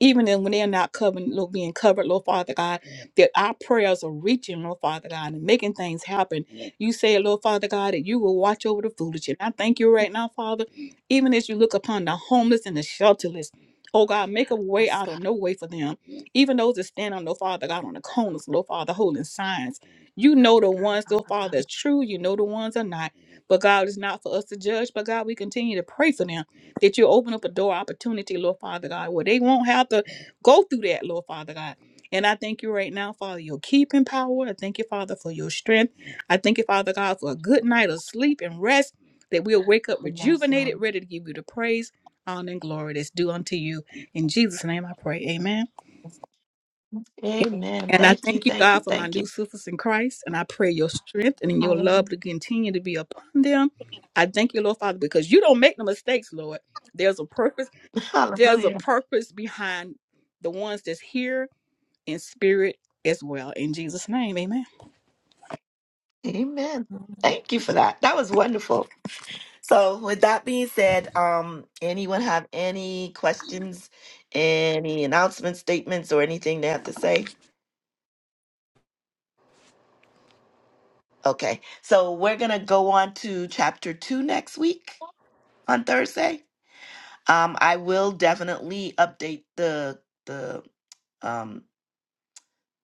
[SPEAKER 3] even then when they're not covered, Lord, being covered, Lord Father God, that our prayers are reaching, Lord Father God, and making things happen. You say, Lord Father God, that you will watch over the foolish. And I thank you right now, Father, even as you look upon the homeless and the shelterless. Oh God, make a way out of no way for them. Even those that stand on, Lord Father God, on the corners, Lord Father, holding signs. You know the ones, Lord Father, that's true. You know the ones are not. But God is not for us to judge, but God, we continue to pray for them that you open up a door opportunity, Lord Father God, where they won't have to go through that, Lord Father God. And I thank you right now, Father, your keeping power. I thank you, Father, for your strength. I thank you, Father God, for a good night of sleep and rest that we'll wake up rejuvenated, ready to give you the praise, honor, and glory that's due unto you. In Jesus' name I pray. Amen. And I
[SPEAKER 1] Thank you,
[SPEAKER 3] thank you,
[SPEAKER 1] thank
[SPEAKER 3] God,
[SPEAKER 1] you,
[SPEAKER 3] for my
[SPEAKER 1] thank
[SPEAKER 3] new
[SPEAKER 1] you.
[SPEAKER 3] sisters in Christ. And I pray your strength and your love to continue to be upon them. I thank you, Lord Father, because you don't make no mistakes, Lord. There's a purpose there's a
[SPEAKER 1] Hallelujah.
[SPEAKER 3] purpose behind the ones that's here in spirit as well. In Jesus' name, amen.
[SPEAKER 1] Amen.
[SPEAKER 4] Amen.
[SPEAKER 1] Thank you for that. That was wonderful. So, with that being said, um, anyone have any questions, any announcements, statements, or anything they have to say? Okay. So, we're going to go on to chapter two next week on Thursday. Um, I will definitely update the the um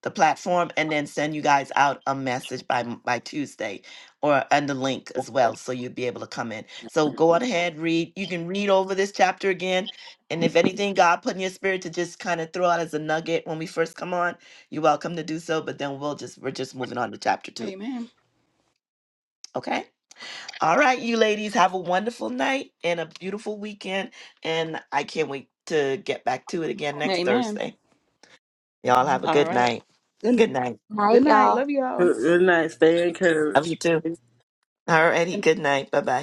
[SPEAKER 1] the platform and then send you guys out a message by m- by Tuesday or and the link as well so you'll be able to come in. So go on ahead, read. You can read over this chapter again. And if anything God put in your spirit to just kind of throw out as a nugget when we first come on, you're welcome to do so. But then we'll just we're just moving on to chapter two.
[SPEAKER 3] Amen.
[SPEAKER 1] Okay? All right, you ladies, have a wonderful night and a beautiful weekend. And I can't wait to get back to it again next
[SPEAKER 3] Amen.
[SPEAKER 1] Thursday. Y'all have a
[SPEAKER 3] All
[SPEAKER 1] good
[SPEAKER 3] right.
[SPEAKER 1] night.
[SPEAKER 3] Good,
[SPEAKER 1] Good night.
[SPEAKER 4] night
[SPEAKER 3] good night.
[SPEAKER 4] y'all
[SPEAKER 3] Love you all.
[SPEAKER 2] Good good night. Stay
[SPEAKER 1] Love
[SPEAKER 2] encouraged.
[SPEAKER 1] you too. All righty. Good night. Bye bye.